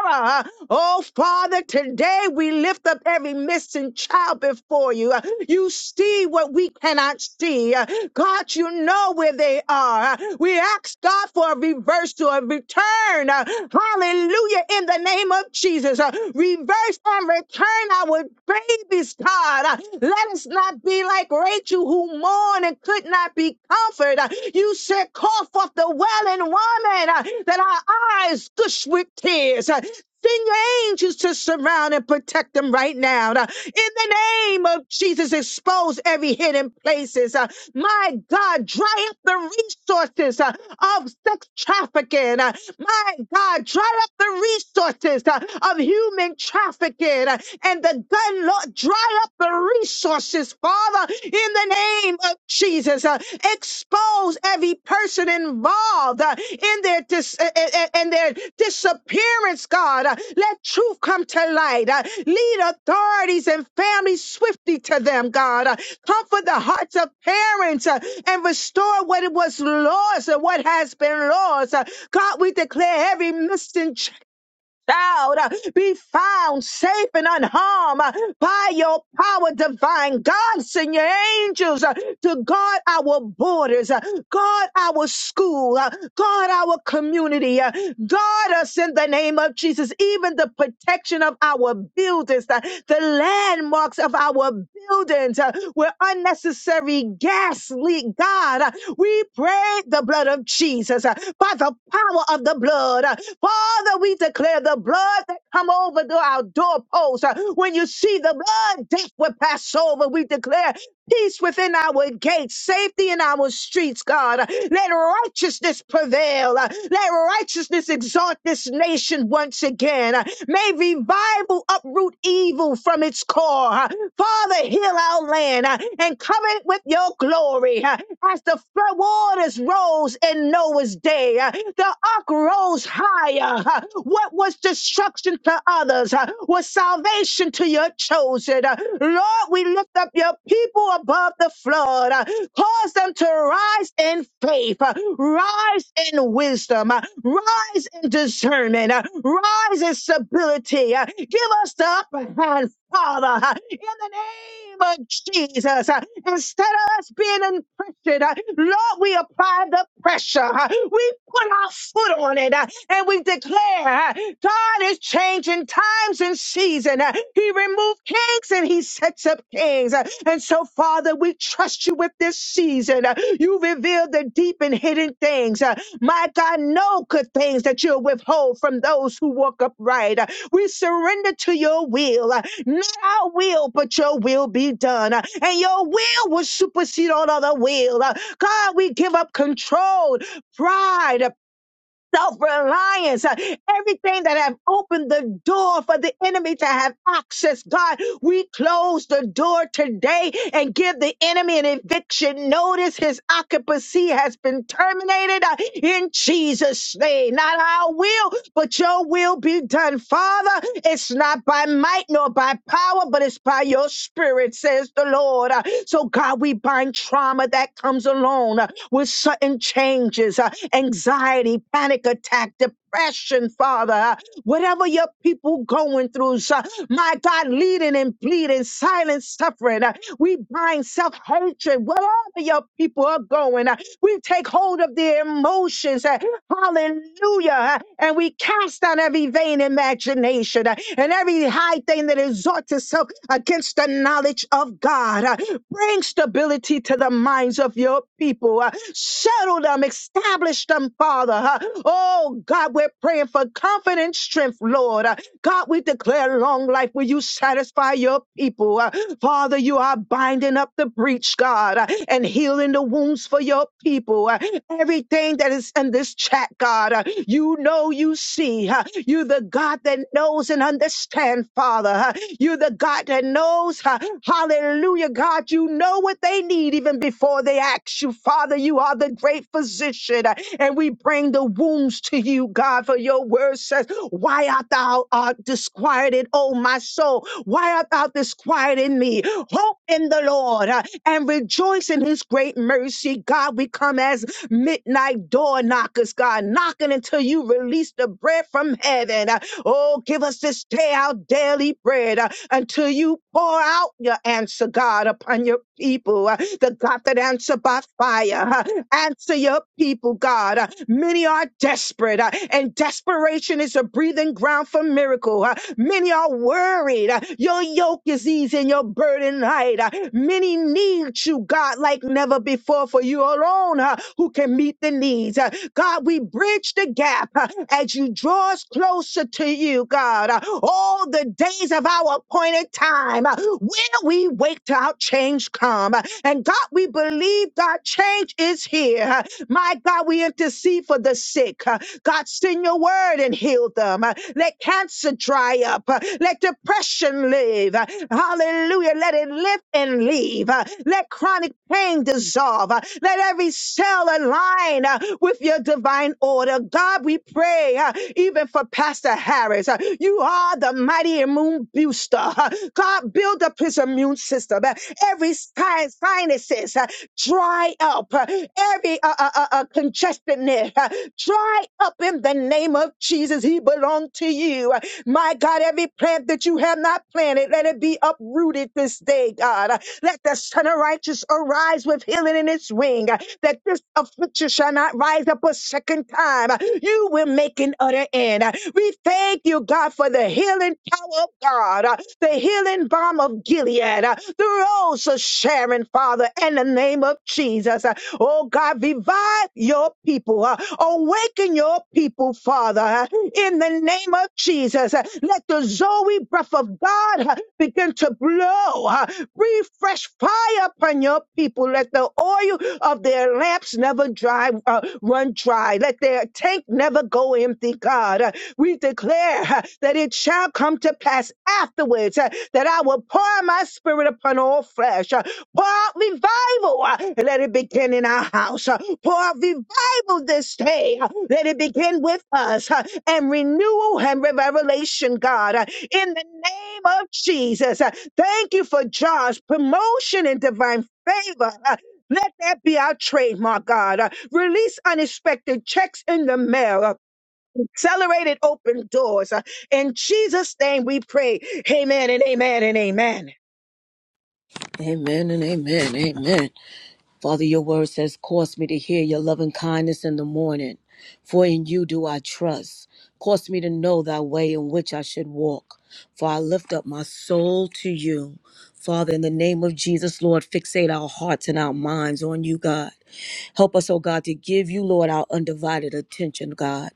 S5: Sarah. Oh, Father, today we lift up every missing child before you. You see what we cannot see. God, you know where they are. We ask God for a reversal to a return. Hallelujah. In the name of Jesus. Uh, Reverse and return our babies, God. Uh, Let us not be like Rachel who mourned and could not be comforted. Uh, You said, call forth the wailing woman uh, that our eyes gush with tears. Uh, Send your angels to surround and protect them right now. Uh, In the name of Jesus, expose every hidden places. Uh, my God, dry up the resources uh, of sex trafficking. Uh, My God, dry up the resources uh, of human trafficking uh, and the gun law. Dry up the resources, Father, in the name of Jesus. Uh, Expose every person involved involved uh, in their dis- uh, uh, uh, in their disappearance, God. Uh, Let truth come to light. Uh, Lead authorities and families swiftly to them, God. Uh, Comfort the hearts of parents uh, and restore what it was lost and what has been lost. Uh, God, we declare every missing child child uh, be found safe and unharmed uh, by your power divine. God, send your angels uh, to guard our borders, uh, guard our school, uh, guard our community, uh, guard us in the name of Jesus, even the protection of our buildings. uh, the landmarks of our buildings uh, where unnecessary gas leak. God, uh, we pray the blood of Jesus uh, by the power of the blood. uh, Father, we declare the blood that come over to our doorposts. uh, When you see the blood, death will pass over. We declare Peace within our gates, safety in our streets, God. Let righteousness prevail. Let righteousness exalt this nation once again. May revival uproot evil from its core. Father, heal our land uh, and cover it with your glory. uh, As the flood waters rose in Noah's day, uh, the ark rose rose higher. huh? What was destruction to others huh, was salvation to your chosen. Uh, Lord, we lift up your people above the flood. uh, Cause them to rise in faith, uh, rise in wisdom, uh, rise in discernment, uh, rise in stability. uh, Give us the upper hand Father, in the name of Jesus. Instead of us being in pressure, Lord, we apply the pressure. We put our foot on it uh, and we declare uh, God is changing times and season. Uh, He removed kings and he sets up kings. Uh, And so, Father, we trust you with this season. Uh, You reveal the deep and hidden things. Uh, My God, no good things that you'll withhold from those who walk upright. We surrender to your will. uh, Not our will, but your will be done. uh, And your will will supersede all other will. uh. God, we give up control, pride, uh, self-reliance, uh, everything that have opened the door for the enemy to have access. God, we close the door today and give the enemy an eviction notice. His occupancy has been terminated uh, in Jesus' name. Not our will will, but your will be done. Father, it's not by might nor by power, but it's by your spirit, says the Lord. Uh, So, God, we bind trauma that comes along uh, with sudden changes, uh, anxiety, panic attack, depression, Father. Uh, Whatever your people going through, so- my God, leading and pleading, silent suffering. uh, We bind self-hatred, whatever your people are going. uh, We take hold of their emotions. Uh, Hallelujah. And we cast out every vain imagination uh, and every high thing that exalts itself against the knowledge of God. Uh, Bring stability to the minds of your people. Uh, Settle them, establish them, Father. Uh, Oh God, we're praying for confident strength, Lord. Uh, God, we declare long life. Will you satisfy your people? Uh, Father, you are binding up the breach, God, uh, and healing the wounds for your people. Uh, Everything that is in this chat, God, uh, you know, you see. uh, You're the God that knows and understands, Father. uh, You're the God that knows, uh, hallelujah Hallelujah, God. You know what they need even before they ask you. Father, you are the great physician, and we bring the wounds to you, God, for your word says, Why art thou uh, disquieted, O my soul? Why art thou disquieted in me? Hope in the Lord uh, and rejoice in his great mercy. God, we come as midnight door knockers, God, knocking until you release the bread from heaven. Uh, Oh, give us this day our daily bread uh, until you pour out your answer, God, upon your people. Uh, The God that answer by fire. uh, Answer your people, God. Uh, Many are desperate, uh, and desperation is a breathing ground for miracle. uh, Many are worried. uh, Your yoke is easy and your burden light. uh, Many need you without you, God, like never before, for you alone uh, who can meet the needs. Uh, God, we bridge the gap uh, as you draw us closer to you, God. Uh, all the days of our appointed time, uh, where we wait till our change come. Uh, and God, we believe God, change is here. Uh, my God, we intercede for the sick. Uh, God, send your word and heal them. Uh, Let cancer dry up. Uh, Let depression live. Uh, Hallelujah. Let it lift and leave. Uh, Let chronic pain dissolve. Uh, Let every cell align uh, with your divine order. God, we pray uh, even for Pastor Harris. Uh, You are the mighty immune booster. Uh, God, build up his immune system. Uh, Every sin- sinuses uh, dry up. Uh, Every uh, uh, uh, uh, congestion there, uh, dry up in the name of Jesus. He belongs to you. My God, every plant that you have not planted, let it be uprooted this day, God. Let the Son of Righteous arise with healing in its wing, that this affliction shall not rise up a second time. You will make an utter end. We thank you, God, for the healing power of God, the healing balm of Gilead, the rose of Sharon, Father, in the name of Jesus. Oh, God, revive your people, awaken your people oh Father, in the name of Jesus, let the Zoe breath of God begin to blow. Breathe fresh fire upon your people. Let the oil of their lamps never dry, uh, run dry. Let their tank never go empty, God. Uh, We declare uh, that it shall come to pass afterwards uh, that I will pour my spirit upon all flesh. Uh, Pour out revival. uh, Let it begin in our house. Uh, Pour out revival Build this day. uh, Let it begin with us uh, and renewal and revelation, God, uh, in the name of Jesus. Uh, Thank you for Josh, promotion and divine favor. uh, Let that be our trademark, God. Uh, Release unexpected checks in the mail. uh, Accelerated open doors. Uh, In Jesus' name we pray. Amen and amen and amen.
S4: Amen and amen. Amen. Father, your word says, Cause me to hear your loving kindness in the morning, for in you do I trust. Cause me to know thy way in which I should walk, for I lift up my soul to you. Father, in the name of Jesus, Lord, fixate our hearts and our minds on you, God. Help us, oh God, to give you, Lord, our undivided attention, God.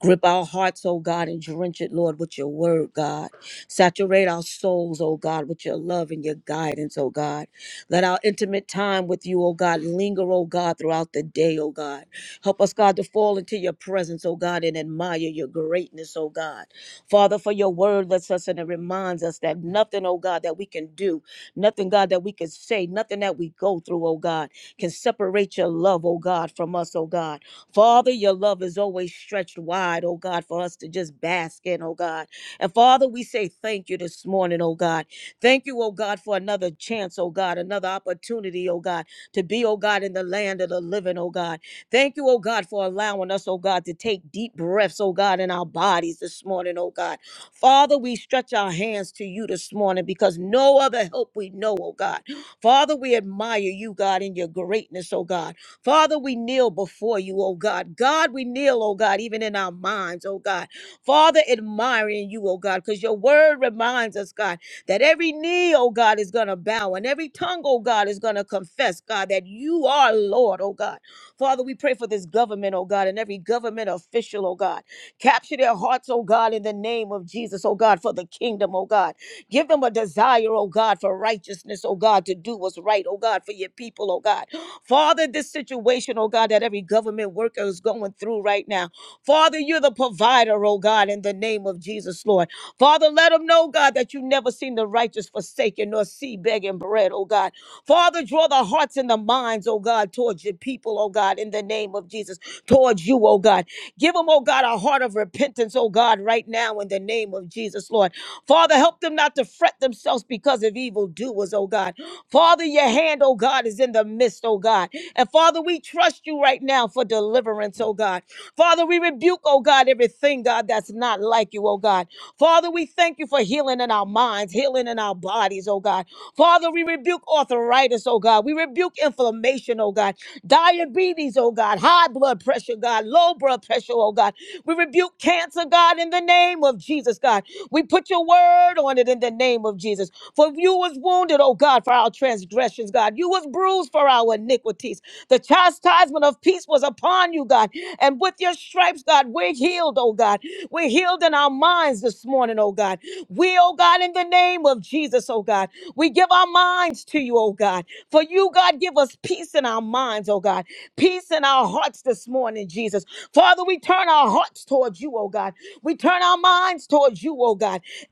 S4: Grip our hearts, oh God, and drench it, Lord, with your word, God. Saturate our souls, oh God, with your love and your guidance, oh God. Let our intimate time with you, oh God, linger, oh God, throughout the day, oh God. Help us, God, to fall into your presence, oh God, and admire your greatness, oh God. Father, for your word lets us and it reminds us that nothing, oh God, that we can do, nothing, God, that we can say, nothing that we go through, oh God, can separate your love, oh God, from us, oh God. Father, your love is always stretched wide, oh God, for us to just bask in, oh God. And Father, we say thank you this morning, oh God. Thank you, oh God, for another chance, oh God, another opportunity, oh God, to be, oh God, in the land of the living, oh God. Thank you, oh God, for allowing us, oh God, to take deep breaths, oh God, in our bodies this morning, oh God. Father, we stretch our hands to you this morning because no other help we know, oh God. Father, we admire you, God, in your greatness, oh God. Father, we kneel before you, oh God. God, we kneel, oh God, even in our minds, oh God. Father, admiring you, oh God, because your word reminds us, God that every knee, oh God, is going to bow and every tongue, oh God, is going to confess, God, that you are Lord, oh God. Father, we pray for this government, oh God, and every government official, oh God. Capture their hearts, oh God, in the name of Jesus, oh God, for the kingdom, oh God. Give them a desire, oh God, for righteousness, oh God, to do what's right, oh God, for your people, oh God. Father, this situation, oh God, that every government worker is going through right now. Father, you're the provider, oh God, in the name of Jesus, Lord. Father, let them know, God, that you never seen the righteous forsaken nor see begging bread, oh God. Father, draw the hearts and the minds, oh God, towards your people, oh God, in the name of Jesus, towards you, oh God. Give them, oh God, a heart of repentance, oh God, right now in the name of Jesus, Lord. Father, help them not to fret themselves because of evildoers, oh God. Father, your hand, oh God, is in the midst, oh God. And Father, we trust you right now for deliverance, oh God. Father, we rebuke, oh God, everything, God, that's not like you, oh God. Father, we thank you for healing in our minds, healing in our bodies, oh God. Father, we rebuke arthritis, oh God. We rebuke inflammation, oh God. Diabetes, oh God. High blood pressure, God. Low blood pressure, oh God. We rebuke cancer, God, in the name of Jesus, God. We put your word on it in the name of Jesus. For you was wounded, oh God, for our transgressions, God. You was bruised for our iniquities. The chastisement of peace was upon you, God. And with your stripes, God, we're healed, oh God. We're healed in our minds this morning, oh God. We, oh God, in the name of Jesus, oh God, we give our minds to you, oh God. For you, God, give us peace in our minds, oh God. Peace in our hearts this morning, Jesus. Father, we turn our hearts towards you, oh God. We turn our minds towards you, oh God.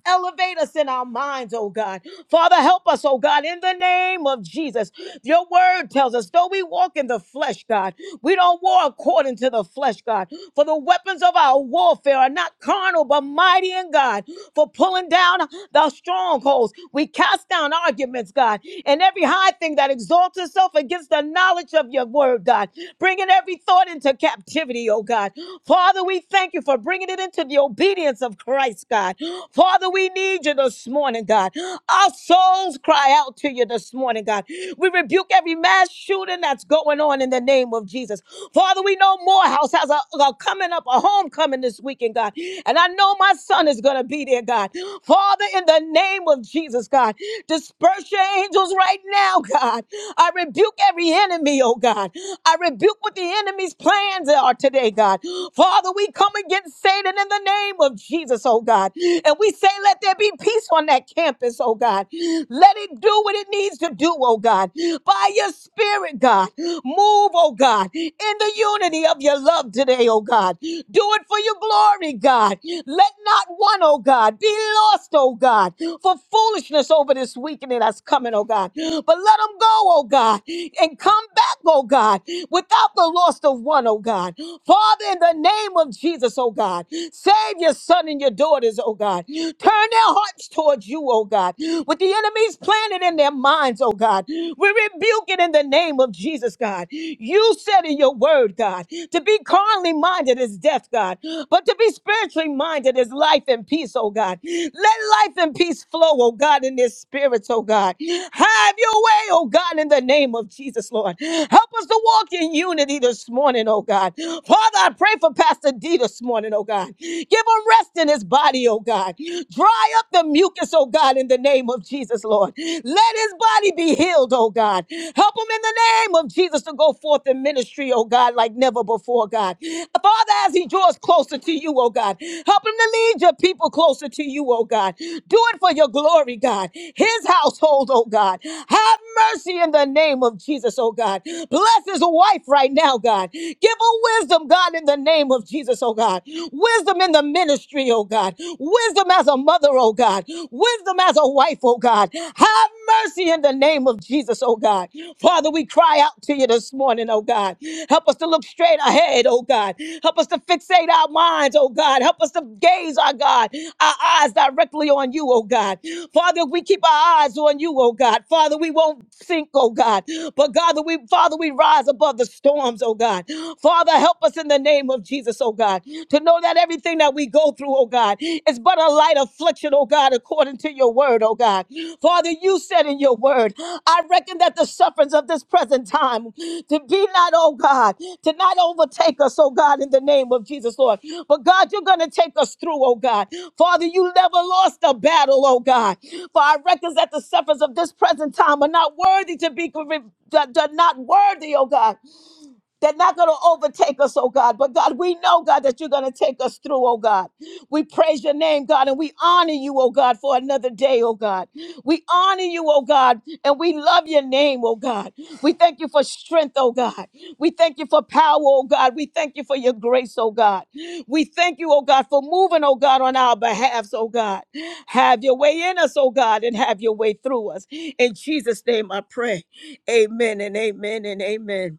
S4: Elevate us in our minds, oh God. Father, help us, oh God, in the name of Jesus. Your word tells us, though we walk in the flesh, God, we don't war according to the flesh, God. For the weapons of our warfare are not carnal, but mighty in God. For pulling down the strongholds, we cast down arguments, God, and every high thing that exalts itself against the knowledge of your word, God. Bringing every thought into captivity, oh God. Father, we thank you for bringing it into the obedience of Christ, God. Father, we need you this morning, God. Our souls cry out to you this morning, God. We rebuke every mass shooting that's going on in the name of Jesus. Father, we know Morehouse has a, a coming up, a homecoming this weekend, God. And I know my son is going to be there, God. Father, in the name of Jesus, God, disperse your angels right now, God. I rebuke every enemy, oh God. I rebuke what the enemy's plans are today, God. Father, we come against Satan in the name name of Jesus, oh God. And we say, let there be peace on that campus, oh God. Let it do what it needs to do, oh God. By your spirit, God. Move, oh God, in the unity of your love today, oh God. Do it for your glory, God. Let not one, oh God, be lost, oh God, for foolishness over this weekend that's coming, oh God. But let them go, oh God, and come back, oh God, without the loss of one, oh God. Father, in the name of Jesus, oh God. God. Save your son and your daughters, oh God. Turn their hearts towards you, oh God. With the enemies planted in their minds, oh God. We rebuke it in the name of Jesus, God. You said in your word, God, to be carnally minded is death, God, but to be spiritually minded is life and peace, oh God. Let life and peace flow, oh God, in their spirits, oh God. Have your way, oh God, in the name of Jesus, Lord. Help us to walk in unity this morning, oh God. Father, I pray for Pastor D this morning, oh God. Give him rest in his body, oh God. Dry up the mucus, oh God, in the name of Jesus, Lord. Let his body be healed, oh God. Help him in the name of Jesus to go forth in ministry, oh God, like never before, God. Father, as he draws closer to you, oh God, help him to lead your people closer to you, oh God. Do it for your glory, God. His household, oh God. Have mercy in the name of Jesus, oh God. Bless his wife right now, God. Give her wisdom Wisdom, God, in the name of Jesus, oh God. Wisdom in the ministry, oh God. Wisdom as a mother, oh God. Wisdom as a wife, oh God. Have mercy in the name of Jesus, oh God. Father, we cry out to you this morning, oh God. Help us to look straight ahead, oh God. Help us to fixate our minds, oh God. Help us to gaze, our God, our eyes directly on you, oh God. Father, if we keep our eyes on you, oh God. Father, we won't sink, oh God. But God, that we Father, we rise above the storms, oh God. God. Father, help us in the name of Jesus, oh God, to know that everything that we go through, oh God, is but a light affliction, oh God, according to your word, oh God. Father, you said in your word, I reckon that the sufferings of this present time to be not, oh God, to not overtake us, oh God, in the name of Jesus, Lord. But God, you're going to take us through, oh God. Father, you never lost a battle, oh God. For I reckon that the sufferings of this present time are not worthy to be, that- that not worthy, oh God. They're not going to overtake us, oh God. But God, we know, God, that you're going to take us through, oh God. We praise your name, God, and we honor you, oh God, for another day, oh God. We honor you, oh God, and we love your name, oh God. We thank you for strength, oh God. We thank you for power, oh God. We thank you for your grace, oh God. We thank you, oh God, for moving, oh God, on our behalf, oh God. Have your way in us, oh God, and have your way through us. In Jesus' name I pray. Amen and amen and amen.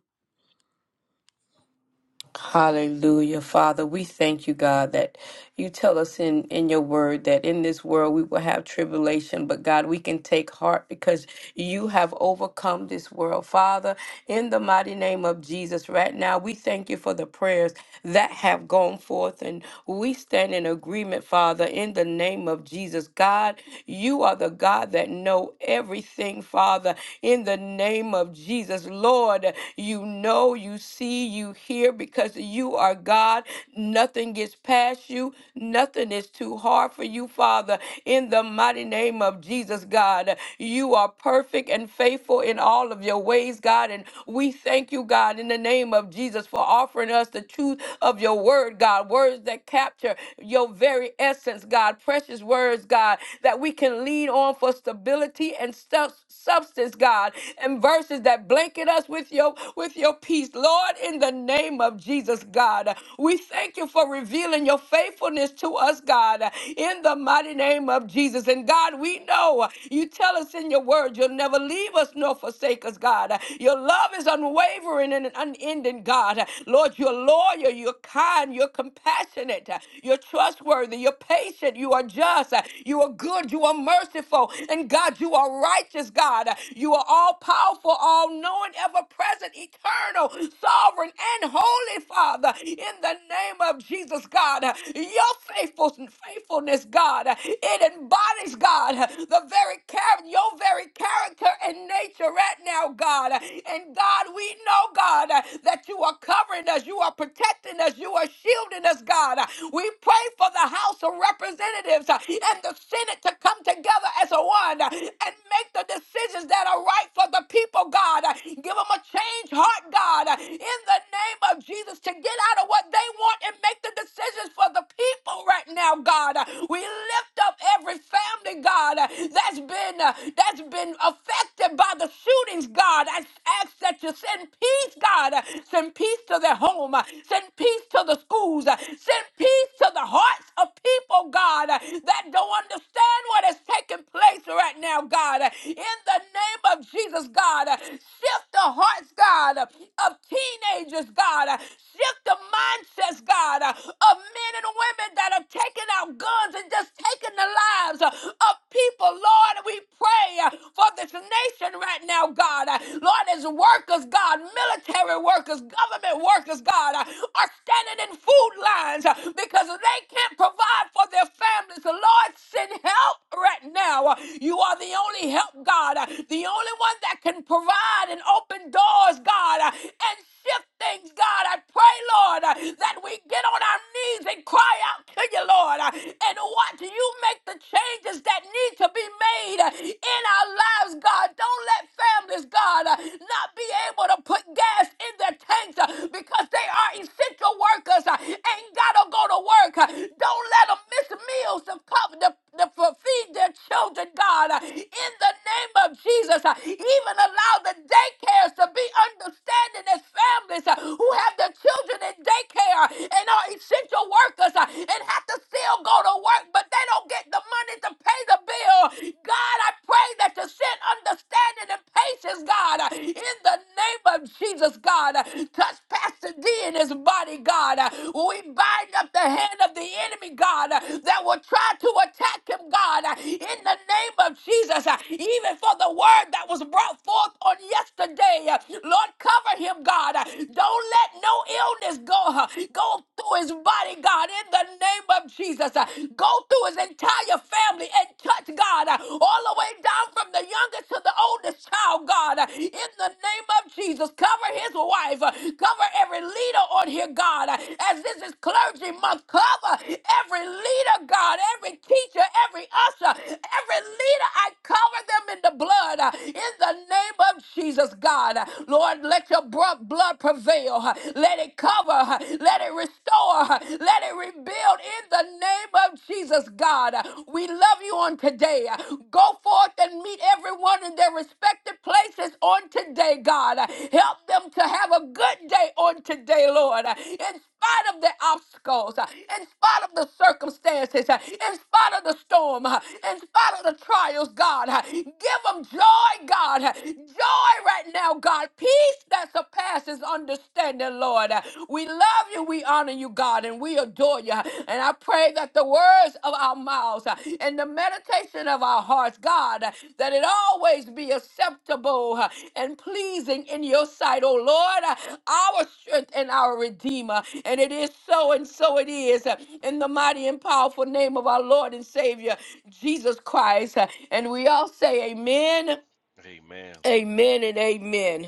S2: Hallelujah. Father, we thank you, God, that you tell us in, in your word that in this world we will have tribulation, but God, we can take heart because You have overcome this world. Father, in the mighty name of Jesus, right now, we thank you for the prayers that have gone forth. And we stand in agreement, Father, in the name of Jesus. God, you are the God that know everything, Father, in the name of Jesus. Lord, you know, you see, you hear because you are God. Nothing gets past you, nothing is too hard for you, Father, in the mighty name of Jesus. Jesus, God. You are perfect and faithful in all of your ways, God. And we thank you, God, in the name of Jesus for offering us the truth of your word, God. Words that capture your very essence, God. Precious words, God, that we can lean on for stability and stu- substance, God. And verses that blanket us with your with your peace, Lord. In the name of Jesus, God, we thank you for revealing your faithfulness to us, God. In the mighty name of of Jesus. And God, we know you tell us in your word you'll never leave us nor forsake us, God. Your love is unwavering and unending, God. Lord, you're loyal, you're kind, you're compassionate, you're trustworthy, you're patient, you are just, you are good, you are merciful. And God, you are righteous, God. You are all powerful, all knowing, ever present, eternal, sovereign, and holy, Father. In the name of Jesus, God, your faithful faithfulness, God. It embodies, God, the very character, your very character and nature right now, God. And God, we know, God, that you are covering us, you are protecting us, you are shielding us, God. We pray for the House of Representatives and the Senate to come together as a one and make the decisions that are right for the people, God. Give them a change heart, God, in the name of Jesus, to get out of what they want and make the decisions is for the people right now, God. We lift up every family, God, that's been uh, that's been affected by the shootings, God. I ask that you send peace, God. Send peace to their home. Send peace to the schools. Send peace to the hearts of people, God, that don't understand what is taking place right now, God. In the name of Jesus, God, shift the hearts, God, of teenagers, God. Shift the conscience, God, uh, of men and women that have taken out guns and just taken the lives uh, of people, Lord. We pray uh, for this nation right now, God. Uh, Lord, as workers, God, military workers, government workers, God, uh, are standing in food lines uh, because they can't provide for their families. So, Lord, send help right now. Uh, You are the only help, God, uh, the only one that can provide and open doors, God, uh, and shift things, God. I pray, Lord, uh, that we get on our knees and cry out to you, Lord, uh, and watch you make the changes that need to be made uh, in our lives, God. Don't let families, God, uh, not be able to put gas in their tanks uh, because they are essential workers, uh, ain't gotta go to work. uh, Don't let them miss meals to cover to, to feed their children, God. uh, In the name of Jesus, uh, even allow the daycares to be be understanding as families uh, who have their children in daycare and are essential workers uh, and have to still go to work, but they don't get the money to pay the bill. God, I pray that you send understanding and patience, God, uh, in the name of Jesus, God. Uh, Touch Pastor D in his body, God. Uh, We bind up the hand of the enemy, God, uh, that will try to attack him, God, uh, in the name of Jesus. Uh, Even for the word that was brought forth forth on yesterday. Lord, cover him, God. Don't let no illness go, go through his body, God, in the name of Jesus. Go through his entire family and touch, God, all the way down from the youngest to the oldest child, God, in the name of Jesus. Cover his wife. Cover every leader on here, God, as this is clergy month. Cover every leader, God, every teacher, every usher, every leader. I cover them in the blood uh, in the name of Jesus, God. Lord, let your bro- blood prevail. uh, Let it cover. uh, Let it restore. uh, Let it rebuild in the name of Jesus, God. We love you on today. Go forth and meet everyone in their respective places on today, God. Help them to have a good day on today, Lord. In spite of the obstacles, uh, in spite of the circumstances, uh, in spite of the storm, uh, in spite of the trial trials, God. Give them joy, God. Joy right now, God. Peace that surpasses understanding, Lord. We love you, we honor you, God, and we adore you. And I pray that the words of our mouths and the meditation of our hearts, God, that it always be acceptable and pleasing in your sight, oh Lord, our strength and our Redeemer. And it is so, and so it is. In the mighty and powerful name of our Lord and Savior. Jesus Christ. And we all say amen,
S3: Amen.
S2: amen, and amen.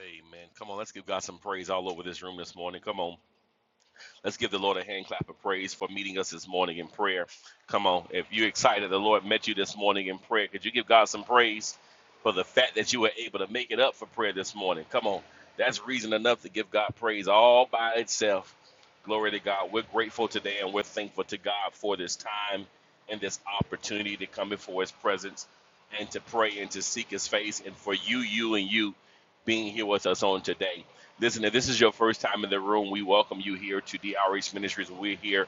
S3: Amen. Come on, let's give God some praise all over this room this morning. Come on. Let's give the Lord a hand clap of praise for meeting us this morning in prayer. Come on, if you're excited, the Lord met you this morning in prayer. Could you give God some praise for the fact that you were able to make it up for prayer this morning? Come on, that's reason enough to give God praise all by itself. Glory to God. We're grateful today and we're thankful to God for this time and this opportunity to come before His presence and to pray and to seek His face and for you, you, and you being here with us on today. Listen, if this is your first time in the room, we welcome you here to DRH Ministries. We're here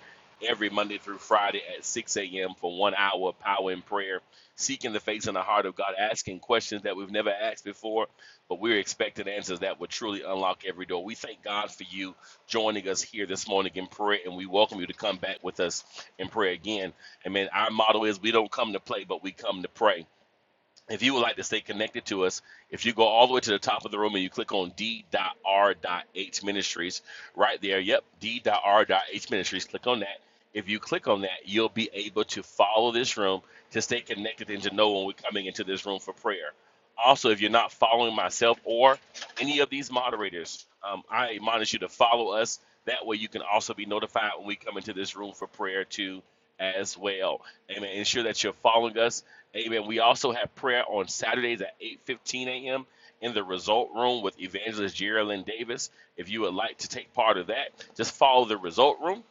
S3: every Monday through Friday at 6 a.m. for one hour of power and prayer, seeking the face and the heart of God, asking questions that we've never asked before, but we're expecting answers that will truly unlock every door. We thank God for you joining us here this morning in prayer, and we welcome you to come back with us in prayer again. Amen. Our motto is we don't come to play, but we come to pray. If you would like to stay connected to us, if you go all the way to the top of the room and you click on d.r.h ministries right there, yep, d.r.h ministries, click on that. If you click on that, you'll be able to follow this room to stay connected and to know when we're coming into this room for prayer. Also, if you're not following myself or any of these moderators, um, I admonish you to follow us. That way, you can also be notified when we come into this room for prayer too, as well. Amen. Ensure that you're following us Amen. We also have prayer on Saturdays at 8:15 a.m. in the Result Room with Evangelist Geraldine Davis. If you would like to take part of that, just follow the Result Room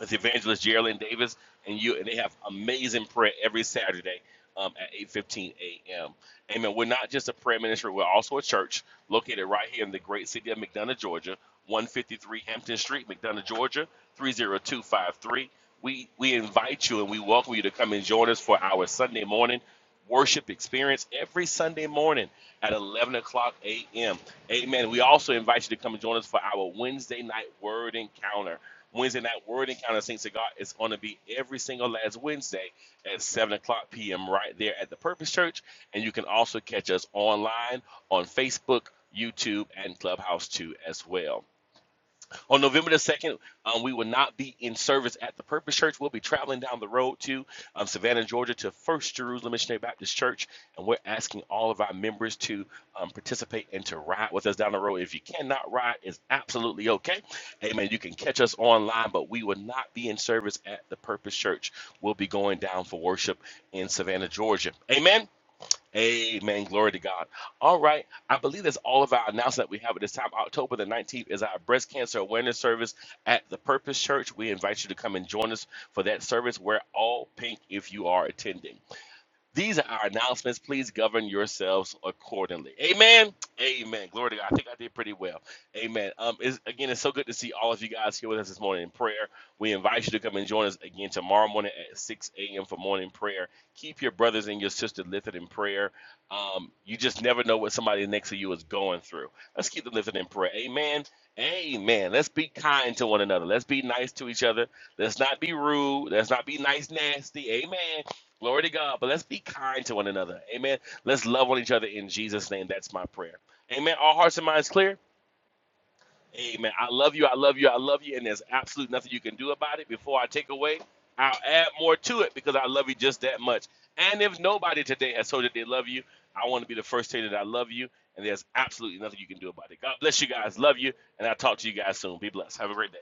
S3: it's Evangelist Geraldine Davis and you, and they have amazing prayer every Saturday um, at 8:15 a.m. Amen. We're not just a prayer ministry; we're also a church located right here in the great city of McDonough, Georgia, 153 Hampton Street, McDonough, Georgia, 30253. We we invite you and we welcome you to come and join us for our Sunday morning worship experience every Sunday morning at 11 o'clock a.m. Amen. We also invite you to come and join us for our Wednesday night word encounter. Wednesday night word encounter Saints of God is going to be every single last Wednesday at 7 o'clock p.m. right there at the Purpose Church. And you can also catch us online on Facebook, YouTube, and Clubhouse too as well. On November the 2nd, um, we will not be in service at the Purpose Church. We'll be traveling down the road to um, Savannah, Georgia, to First Jerusalem Missionary Baptist Church. And we're asking all of our members to um, participate and to ride with us down the road. If you cannot ride, it's absolutely okay. Amen. You can catch us online, but we will not be in service at the Purpose Church. We'll be going down for worship in Savannah, Georgia. Amen. Amen. Glory to God. All right. I believe that's all of our announcement that we have at this time. October the 19th is our breast cancer awareness service at the Purpose Church. We invite you to come and join us for that service. Wear all pink if you are attending. These are our announcements. Please govern yourselves accordingly. Amen. Amen. Glory to God. I think I did pretty well. Amen. Um, it's, again, it's so good to see all of you guys here with us this morning in prayer. We invite you to come and join us again tomorrow morning at 6 a.m. for morning prayer. Keep your brothers and your sisters lifted in prayer. Um, you just never know what somebody next to you is going through. Let's keep them lifted in prayer. Amen. Amen. Let's be kind to one another. Let's be nice to each other. Let's not be rude. Let's not be nice, nasty. Amen. Glory to God. But let's be kind to one another. Amen. Let's love one each other in Jesus' name. That's my prayer. Amen. All hearts and minds clear. Amen. I love you. I love you. I love you. And there's absolutely nothing you can do about it. Before I take away, I'll add more to it because I love you just that much. And if nobody today has told you they love you, I want to be the first to say that I love you. And there's absolutely nothing you can do about it. God bless you guys. Love you. And I'll talk to you guys soon. Be blessed. Have a great day.